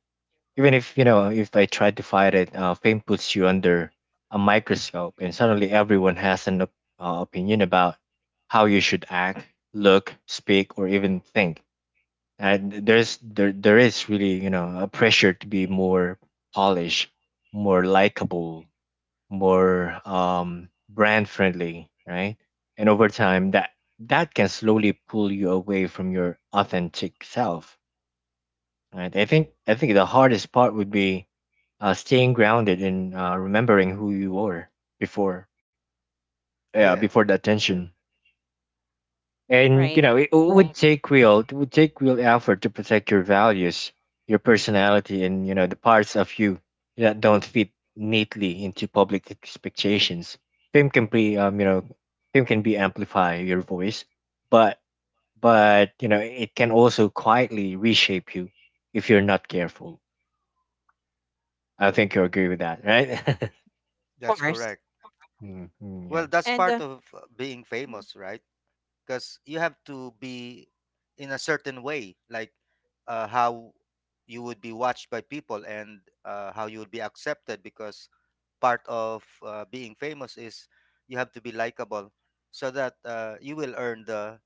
Speaker 2: Even if you know if I tried to fight it, fame puts you under a microscope, and suddenly everyone has an opinion about how you should act, look, speak, or even think. And there is really a pressure to be more polished, more likable, more brand friendly, right? And over time, that can slowly pull you away from your authentic self, right? I think the hardest part would be staying grounded and remembering who you were before, yeah,
Speaker 3: Yeah,
Speaker 2: before the attention. And
Speaker 1: Right.
Speaker 2: you know, it would, right, take real, it would take real effort to protect your values, your personality, and you know the parts of you that don't fit neatly into public expectations. Fame can be fame can be amplify your voice, but you know it can also quietly reshape you if you're not careful. I think you agree with that, right?
Speaker 1: Of
Speaker 3: that's
Speaker 1: course.
Speaker 3: correct.
Speaker 2: Mm, mm,
Speaker 3: Well,
Speaker 2: yeah.
Speaker 3: that's
Speaker 1: And
Speaker 3: part of being famous, right? Because you have to be in a certain way, like how you would be watched by people, and how you would be accepted, because part of being famous is you have to be likable, so that you will earn the,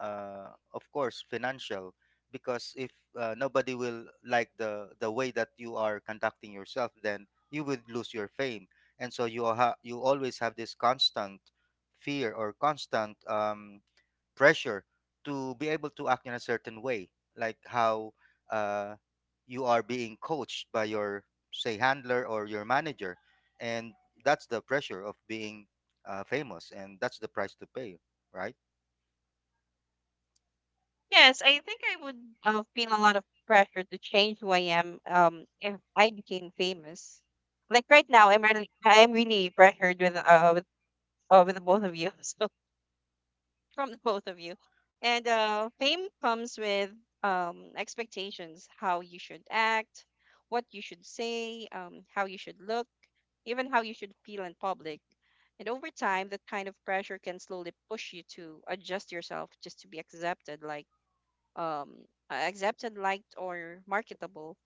Speaker 3: uh, of course, financial, because if nobody will like the way that you are conducting yourself, then you will lose your fame. And so you always have this constant fear, or constant pressure to be able to act in a certain way, like how uh, you are being coached by your, say, handler or your manager. And that's the pressure of being famous, and that's the price to pay, right?
Speaker 1: yes, I think I would feel a lot of pressure to change who I am if I became famous. Like right now, I'm really pressured with with the both of you, so from the both of you, and fame comes with expectations, how you should act, what you should say, how you should look, even how you should feel in public. And over time, that kind of pressure can slowly push you to adjust yourself just to be accepted, like um accepted, liked, or marketable.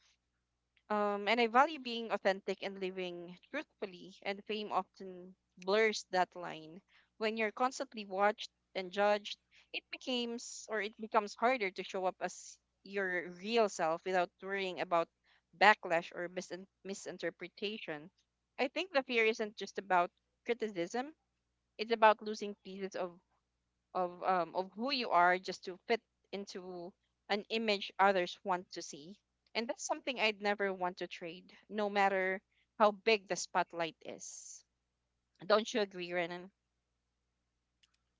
Speaker 1: And I value being authentic and living truthfully, and fame often blurs that line. When you're constantly watched and judged, it becomes harder to show up as your real self without worrying about backlash or misinterpretation. I think the fear isn't just about criticism, it's about losing pieces of of who you are just to fit into an image others want to see, and that's something I'd never want to trade, no matter how big the spotlight is. Don't you agree, Renan?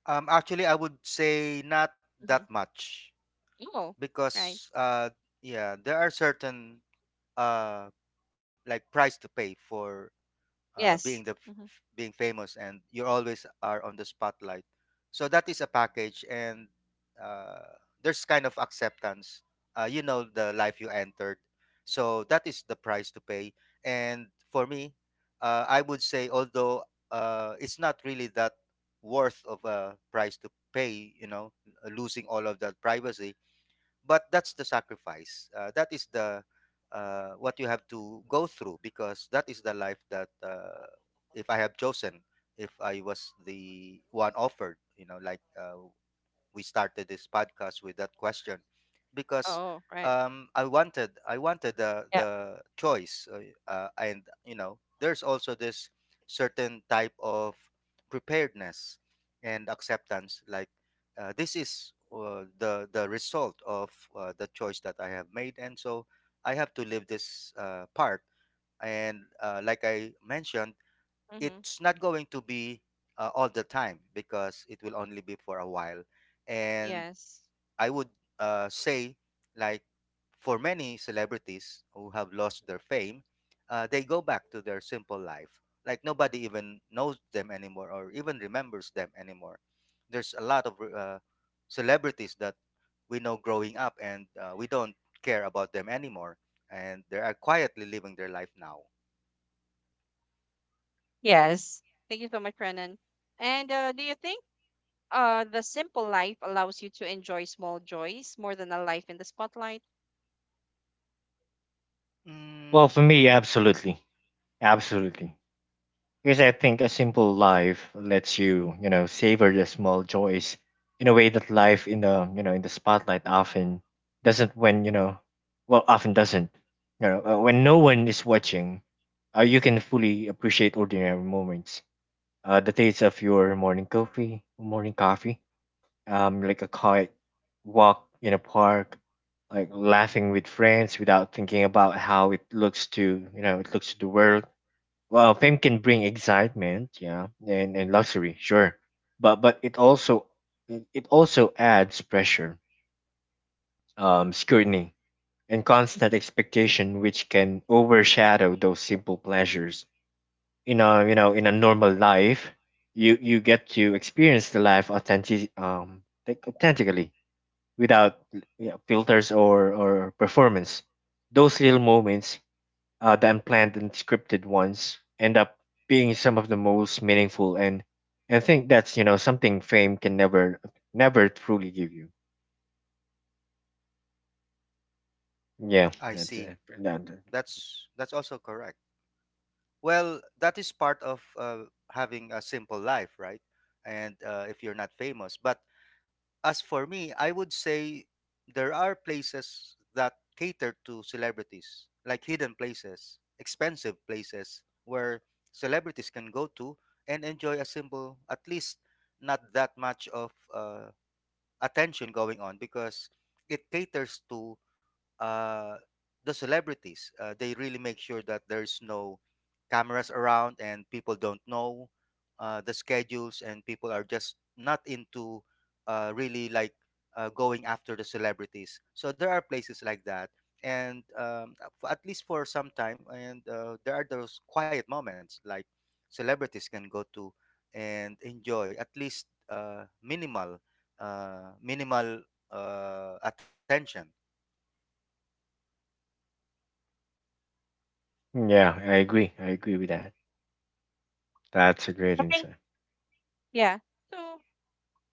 Speaker 3: Actually, I would say not that
Speaker 1: Mm-hmm.
Speaker 3: much,
Speaker 1: Oh, right.
Speaker 3: because, yeah, there are certain, uh, like, price to pay for uh, being the
Speaker 1: Yes. hmm
Speaker 3: being famous, and you always are on the spotlight, so that is a package. And uh, there's kind of acceptance, you know, the life you entered, so that is the price to pay. And for me, I would say, although it's not really that worth of a price to pay, you know, losing all of that privacy, but that's the sacrifice, that is the, what you have to go through, because that is the life that, if I have chosen, if I was the one offered. You know, like, we started this podcast with that question, because
Speaker 1: oh, right.
Speaker 3: I wanted the
Speaker 1: Yeah.
Speaker 3: the choice, and you know, there's also this certain type of preparedness and acceptance, like, this is the result of the choice that I have made, and so I have to live this part. And like I mentioned,
Speaker 1: Mm-hmm.
Speaker 3: it's not going to be all the time, because it will only be for a while. And
Speaker 1: Yes,
Speaker 3: I would say, like, for many celebrities who have lost their fame, they go back to their simple life. Like, nobody even knows them anymore or even remembers them anymore. There's a lot of celebrities that we know growing up, and we don't care about them anymore. And they are quietly living their life now.
Speaker 1: yes, thank you so much, Renan. And do you think the simple life allows you to enjoy small joys more than a life in the spotlight?
Speaker 2: Well,
Speaker 3: Mm,
Speaker 2: for me,
Speaker 3: hmm.
Speaker 2: absolutely, absolutely. Because I think a simple life lets you, you know, savor the small joys in a way that life in the, you know, in the spotlight often doesn't when, you know, well, often doesn't. You know, when no one is watching, you can fully appreciate ordinary moments. The taste of your morning coffee, like a quiet walk in a park, like laughing with friends without thinking about how it looks to, you know, it looks to the world. Well, fame can bring excitement, yeah, and luxury, sure, but it also, it also adds pressure, scrutiny, and constant expectation, which can overshadow those simple pleasures. In a, you know, in a normal life, you get to experience the life authentic like authentically without, you know, filters or performance. Those little moments, the unplanned and scripted ones end up being some of the most meaningful, and I think that's you know something fame can never never truly give you. Yeah,
Speaker 3: I
Speaker 2: that's
Speaker 3: see.
Speaker 2: it. That,
Speaker 3: That's also correct. Well, that is part of having a simple life, right? And if you're not famous. But as for me, I would say there are places that cater to celebrities, like hidden places, expensive places where celebrities can go to and enjoy a simple, at least not that much of attention going on, because it caters to uh, the celebrities. They really make sure that there's no cameras around and people don't know the schedules, and people are just not into really, like, going after the celebrities. So there are places like that. And at least for some time, and there are those quiet moments, like, celebrities can go to and enjoy at least minimal attention.
Speaker 2: yeah, I agree. I agree with that. That's a great
Speaker 1: I think-
Speaker 2: insight.
Speaker 1: yeah, so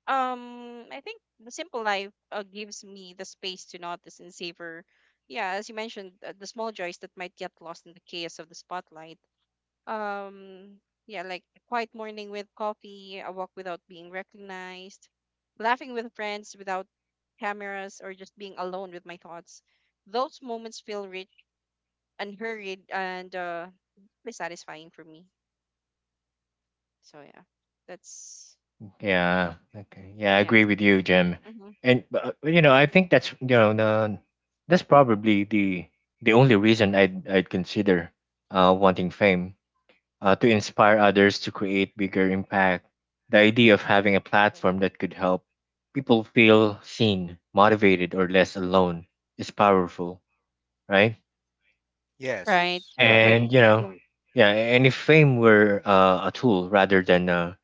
Speaker 1: I think the simple life gives me the space to notice and savor, yeah, as you mentioned, the small joys that might get lost in the chaos of the spotlight. Um, yeah, like a quiet morning with coffee, a walk without being recognized, laughing with friends without cameras, or just being alone with my thoughts. Those moments feel rich, unhurried, and deeply satisfying for me. So yeah, that's
Speaker 2: Yeah. Okay. Yeah, I
Speaker 1: my
Speaker 2: agree with
Speaker 1: answer.
Speaker 2: you, Jim.
Speaker 1: hmm
Speaker 2: And you know, I think that's, you know, the, that's probably the only reason I'd consider wanting fame, to inspire others to create bigger impact. The idea of having a platform that could help people feel seen, motivated, or less alone is powerful, right?
Speaker 1: Right.
Speaker 3: Yes, right.
Speaker 2: And you know, right, yeah, and if fame were a tool rather than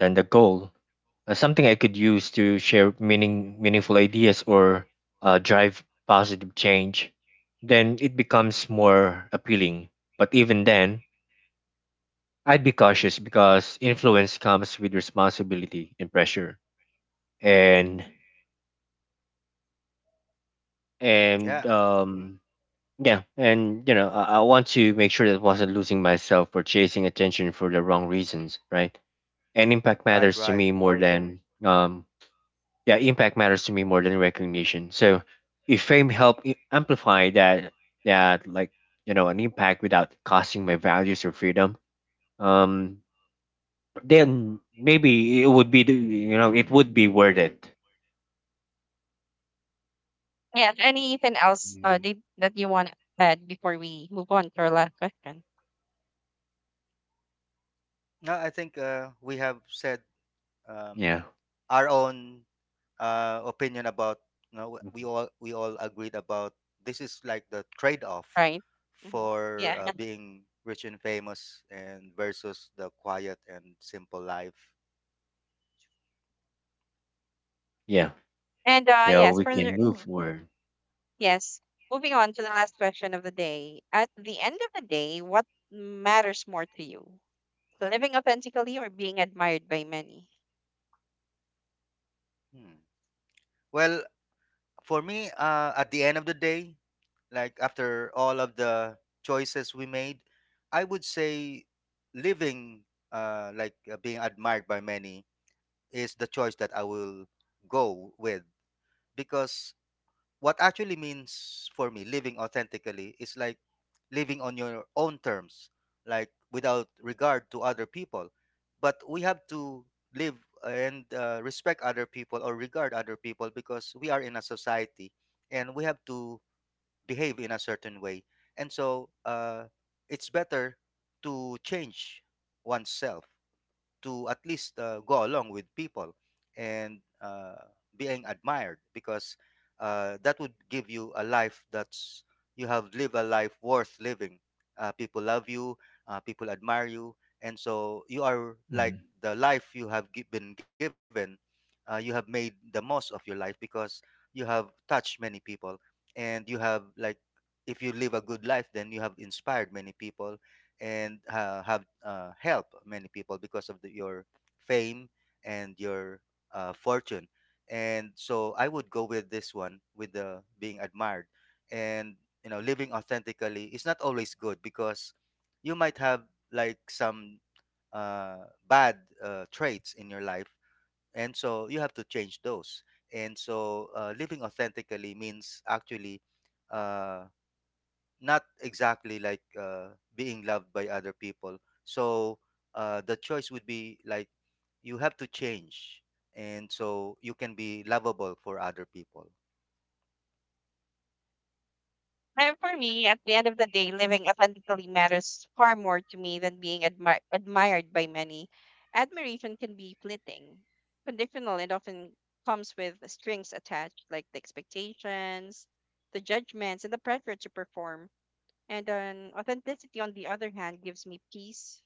Speaker 2: than the goal, something I could use to share meaning, meaningful ideas or drive positive change, then it becomes more appealing. But even then, I'd be cautious because influence comes with responsibility and pressure, and and
Speaker 3: Yeah,
Speaker 2: um yeah, and you know I want to make sure that I wasn't losing myself or chasing attention for the wrong reasons, right? And impact
Speaker 3: right,
Speaker 2: matters to
Speaker 3: right.
Speaker 2: me more than yeah, impact matters to me more than recognition. So if amplify that, that like you know, an impact without costing my values or freedom, um then maybe it would be the, you know, it would be worth it.
Speaker 1: Yeah. Anything else
Speaker 2: Mm.
Speaker 1: that you want to add before we move on to our last question?
Speaker 3: No, I think we have said um,
Speaker 2: Yeah.
Speaker 3: our own opinion about. You know, we
Speaker 2: Mhm.
Speaker 3: all we all agreed about this is, like, the trade-off
Speaker 1: Right. hmm
Speaker 3: for
Speaker 1: Yeah.
Speaker 3: being rich and famous, and versus the quiet and simple life.
Speaker 2: Yeah,
Speaker 1: And
Speaker 2: so
Speaker 1: yes,
Speaker 2: we can
Speaker 1: further.
Speaker 2: move, oh, forward.
Speaker 1: Yes. Moving on to the last question of the day. At the end of the day, what matters more to you? Living authentically or being admired by many?
Speaker 3: Hmm. Well, for me, at the end of the day, like, after all of the choices we made, I would say living, being admired by many, is the choice that I will go with, because what actually means for me living authentically is, like, living on your own terms, like, without regard to other people. But we have to live, and respect other people, or regard other people, because we are in a society, and we have to behave in a certain way. And so it's better to change oneself, to at least go along with people, and being admired, because that would give you a life that's, you have lived a life worth living. People love you, people admire you, and so you are, like, the life you have been given. You have made the most of your life, because you have touched many people, and you have, like, if you live a good life, then you have inspired many people and have help many people because of the, your fame and your fortune. And so I would go with this one, with the being admired. And you know, living authentically is not always good, because you might have, like, some bad traits in your life, and so you have to change those. And so living authentically means actually uh, not exactly like being loved by other people. So the choice would be, like, you have to change, and so you can be lovable for other people.
Speaker 1: And for me, at the end of the day, living authentically matters far more to me than being admired by many. Admiration can be fleeting, conditional, and often comes with strings attached, like the expectations, the judgments, and the pressure to perform. And authenticity, on the other hand, gives me peace,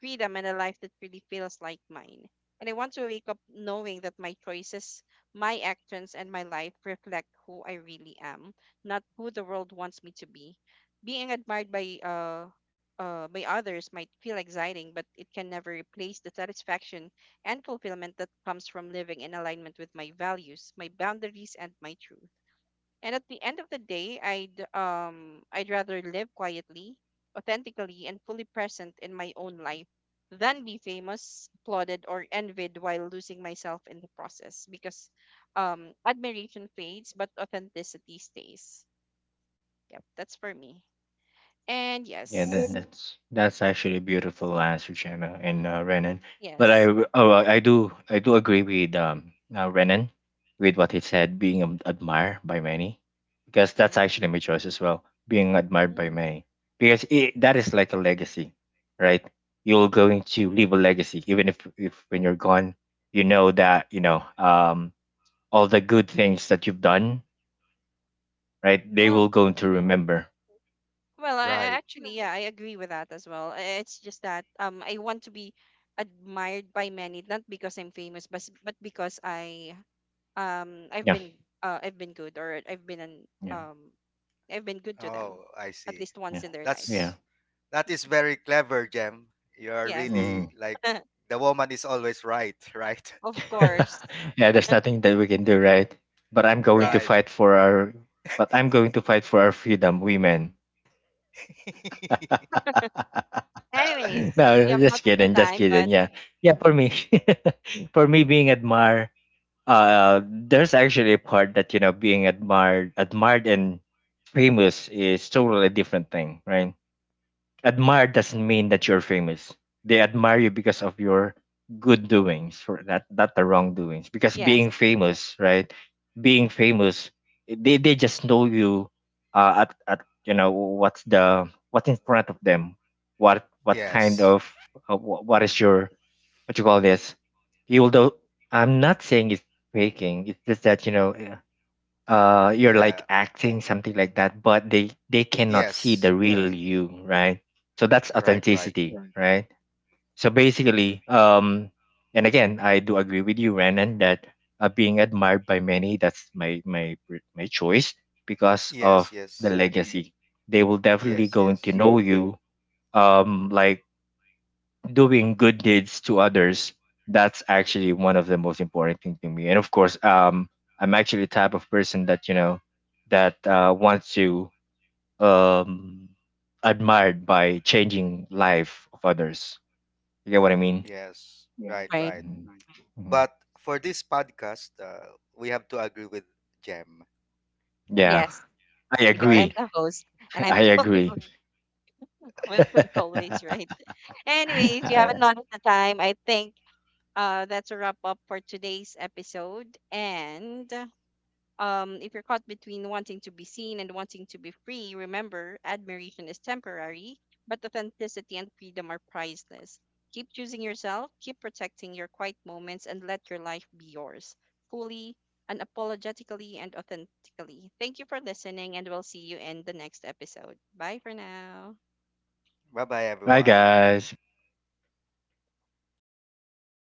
Speaker 1: freedom, and a life that really feels like mine. And I want to wake up knowing that my choices, my actions, and my life reflect who I really am, not who the world wants me to be. Being admired by others might feel exciting, but it can never replace the satisfaction and fulfillment that comes from living in alignment with my values, my boundaries, and my truth. And at the end of the day, I'd rather live quietly, authentically, and fully present in my own life than be famous, applauded, or envied while losing myself in the process. Because admiration fades, but authenticity stays. Yep, that's for me. And
Speaker 2: Yeah, that,
Speaker 1: yes,
Speaker 2: that's that's actually a beautiful answer, Gemma and Renan. But
Speaker 1: yes.
Speaker 2: I do agree with Renan with what he said, being admired by many, because
Speaker 1: hmm
Speaker 2: that's actually my choice as well, being admired by
Speaker 1: hmm
Speaker 2: many, because it, that is like a legacy, right? You're going to leave a legacy, even if when you're gone, you know that you know all the good things that you've done, right? They
Speaker 1: Well.
Speaker 2: will go to
Speaker 1: Mm-hmm.
Speaker 2: remember.
Speaker 1: Well,
Speaker 3: Right.
Speaker 1: actually, yeah, I agree with that as well. I- It's just that I want to be admired by many, not because I'm famous, but but because I um, I've
Speaker 2: Yeah,
Speaker 1: been I've been good, or
Speaker 2: yeah,
Speaker 1: I've been good to them,
Speaker 3: Oh, I
Speaker 1: at
Speaker 3: see.
Speaker 1: least once
Speaker 2: yeah,
Speaker 1: in their life.
Speaker 2: yeah.
Speaker 3: That's that is
Speaker 1: Mhm.
Speaker 3: very clever, Jem. You are
Speaker 1: Yes,
Speaker 3: really,
Speaker 2: Mm-hmm.
Speaker 3: like, the woman is always right, right?
Speaker 1: of course.
Speaker 2: Yeah, there's nothing that we can do, right? But I'm going to
Speaker 1: Yes.
Speaker 3: Right.
Speaker 2: fight for our but I'm going to fight for our freedom, women.
Speaker 1: Anyways, you
Speaker 2: No,
Speaker 1: have
Speaker 2: just
Speaker 1: noticed the
Speaker 2: kidding, just
Speaker 1: time, but
Speaker 2: kidding. Yeah. Yeah, for me. For me, being admired, there's actually a part that, you know, being admired and famous is totally different thing, right? Admire doesn't mean that you're famous. They admire you because of your good doings, for not the wrongdoings. Because being
Speaker 1: yes,
Speaker 2: famous, right? Being famous, they just know you at you know what's the what's in front of them, what kind
Speaker 3: Yes.
Speaker 2: of what is your, what you call this? You will do. I'm not saying it's faking. It's just that you know you're like
Speaker 3: Yeah.
Speaker 2: acting something like that, but they cannot see
Speaker 3: Yes.
Speaker 2: the real you, right? So that's
Speaker 3: Right, right.
Speaker 1: right,
Speaker 2: authenticity, right? So basically, and again I do agree with you, Renan, that being admired by many, that's my choice because
Speaker 3: Yes,
Speaker 2: of the
Speaker 3: yes.
Speaker 2: legacy. They will definitely
Speaker 3: Yes,
Speaker 2: going to
Speaker 3: yes.
Speaker 2: know you like doing good deeds to others. That's actually one of the most important thing to me, and of course, I'm actually the type of person that you know that wants to um admired by changing life of others. You get what I mean?
Speaker 3: Yes. Right,
Speaker 1: right.
Speaker 3: right.
Speaker 2: Mhm. Mhm.
Speaker 3: But for this podcast, we have to agree with Jem,
Speaker 2: Yeah,
Speaker 1: Yes,
Speaker 2: I
Speaker 1: because
Speaker 3: right?
Speaker 1: I'm
Speaker 2: agree.
Speaker 1: the host, and I'm
Speaker 2: I
Speaker 1: the
Speaker 2: agree.
Speaker 1: one
Speaker 2: All
Speaker 1: who is always right. Anyways, you haven't
Speaker 2: right,
Speaker 1: noticed the time. I think that's a wrap up for today's episode. And if you're caught between wanting to be seen and wanting to be free, remember admiration is temporary, but authenticity and freedom are priceless. Keep choosing yourself, keep protecting your quiet moments, and let your life be yours fully, unapologetically, and authentically. Thank you for listening and we'll see you in the next episode. Bye for now.
Speaker 3: Bye, bye,
Speaker 2: bye
Speaker 3: everyone.
Speaker 2: guys.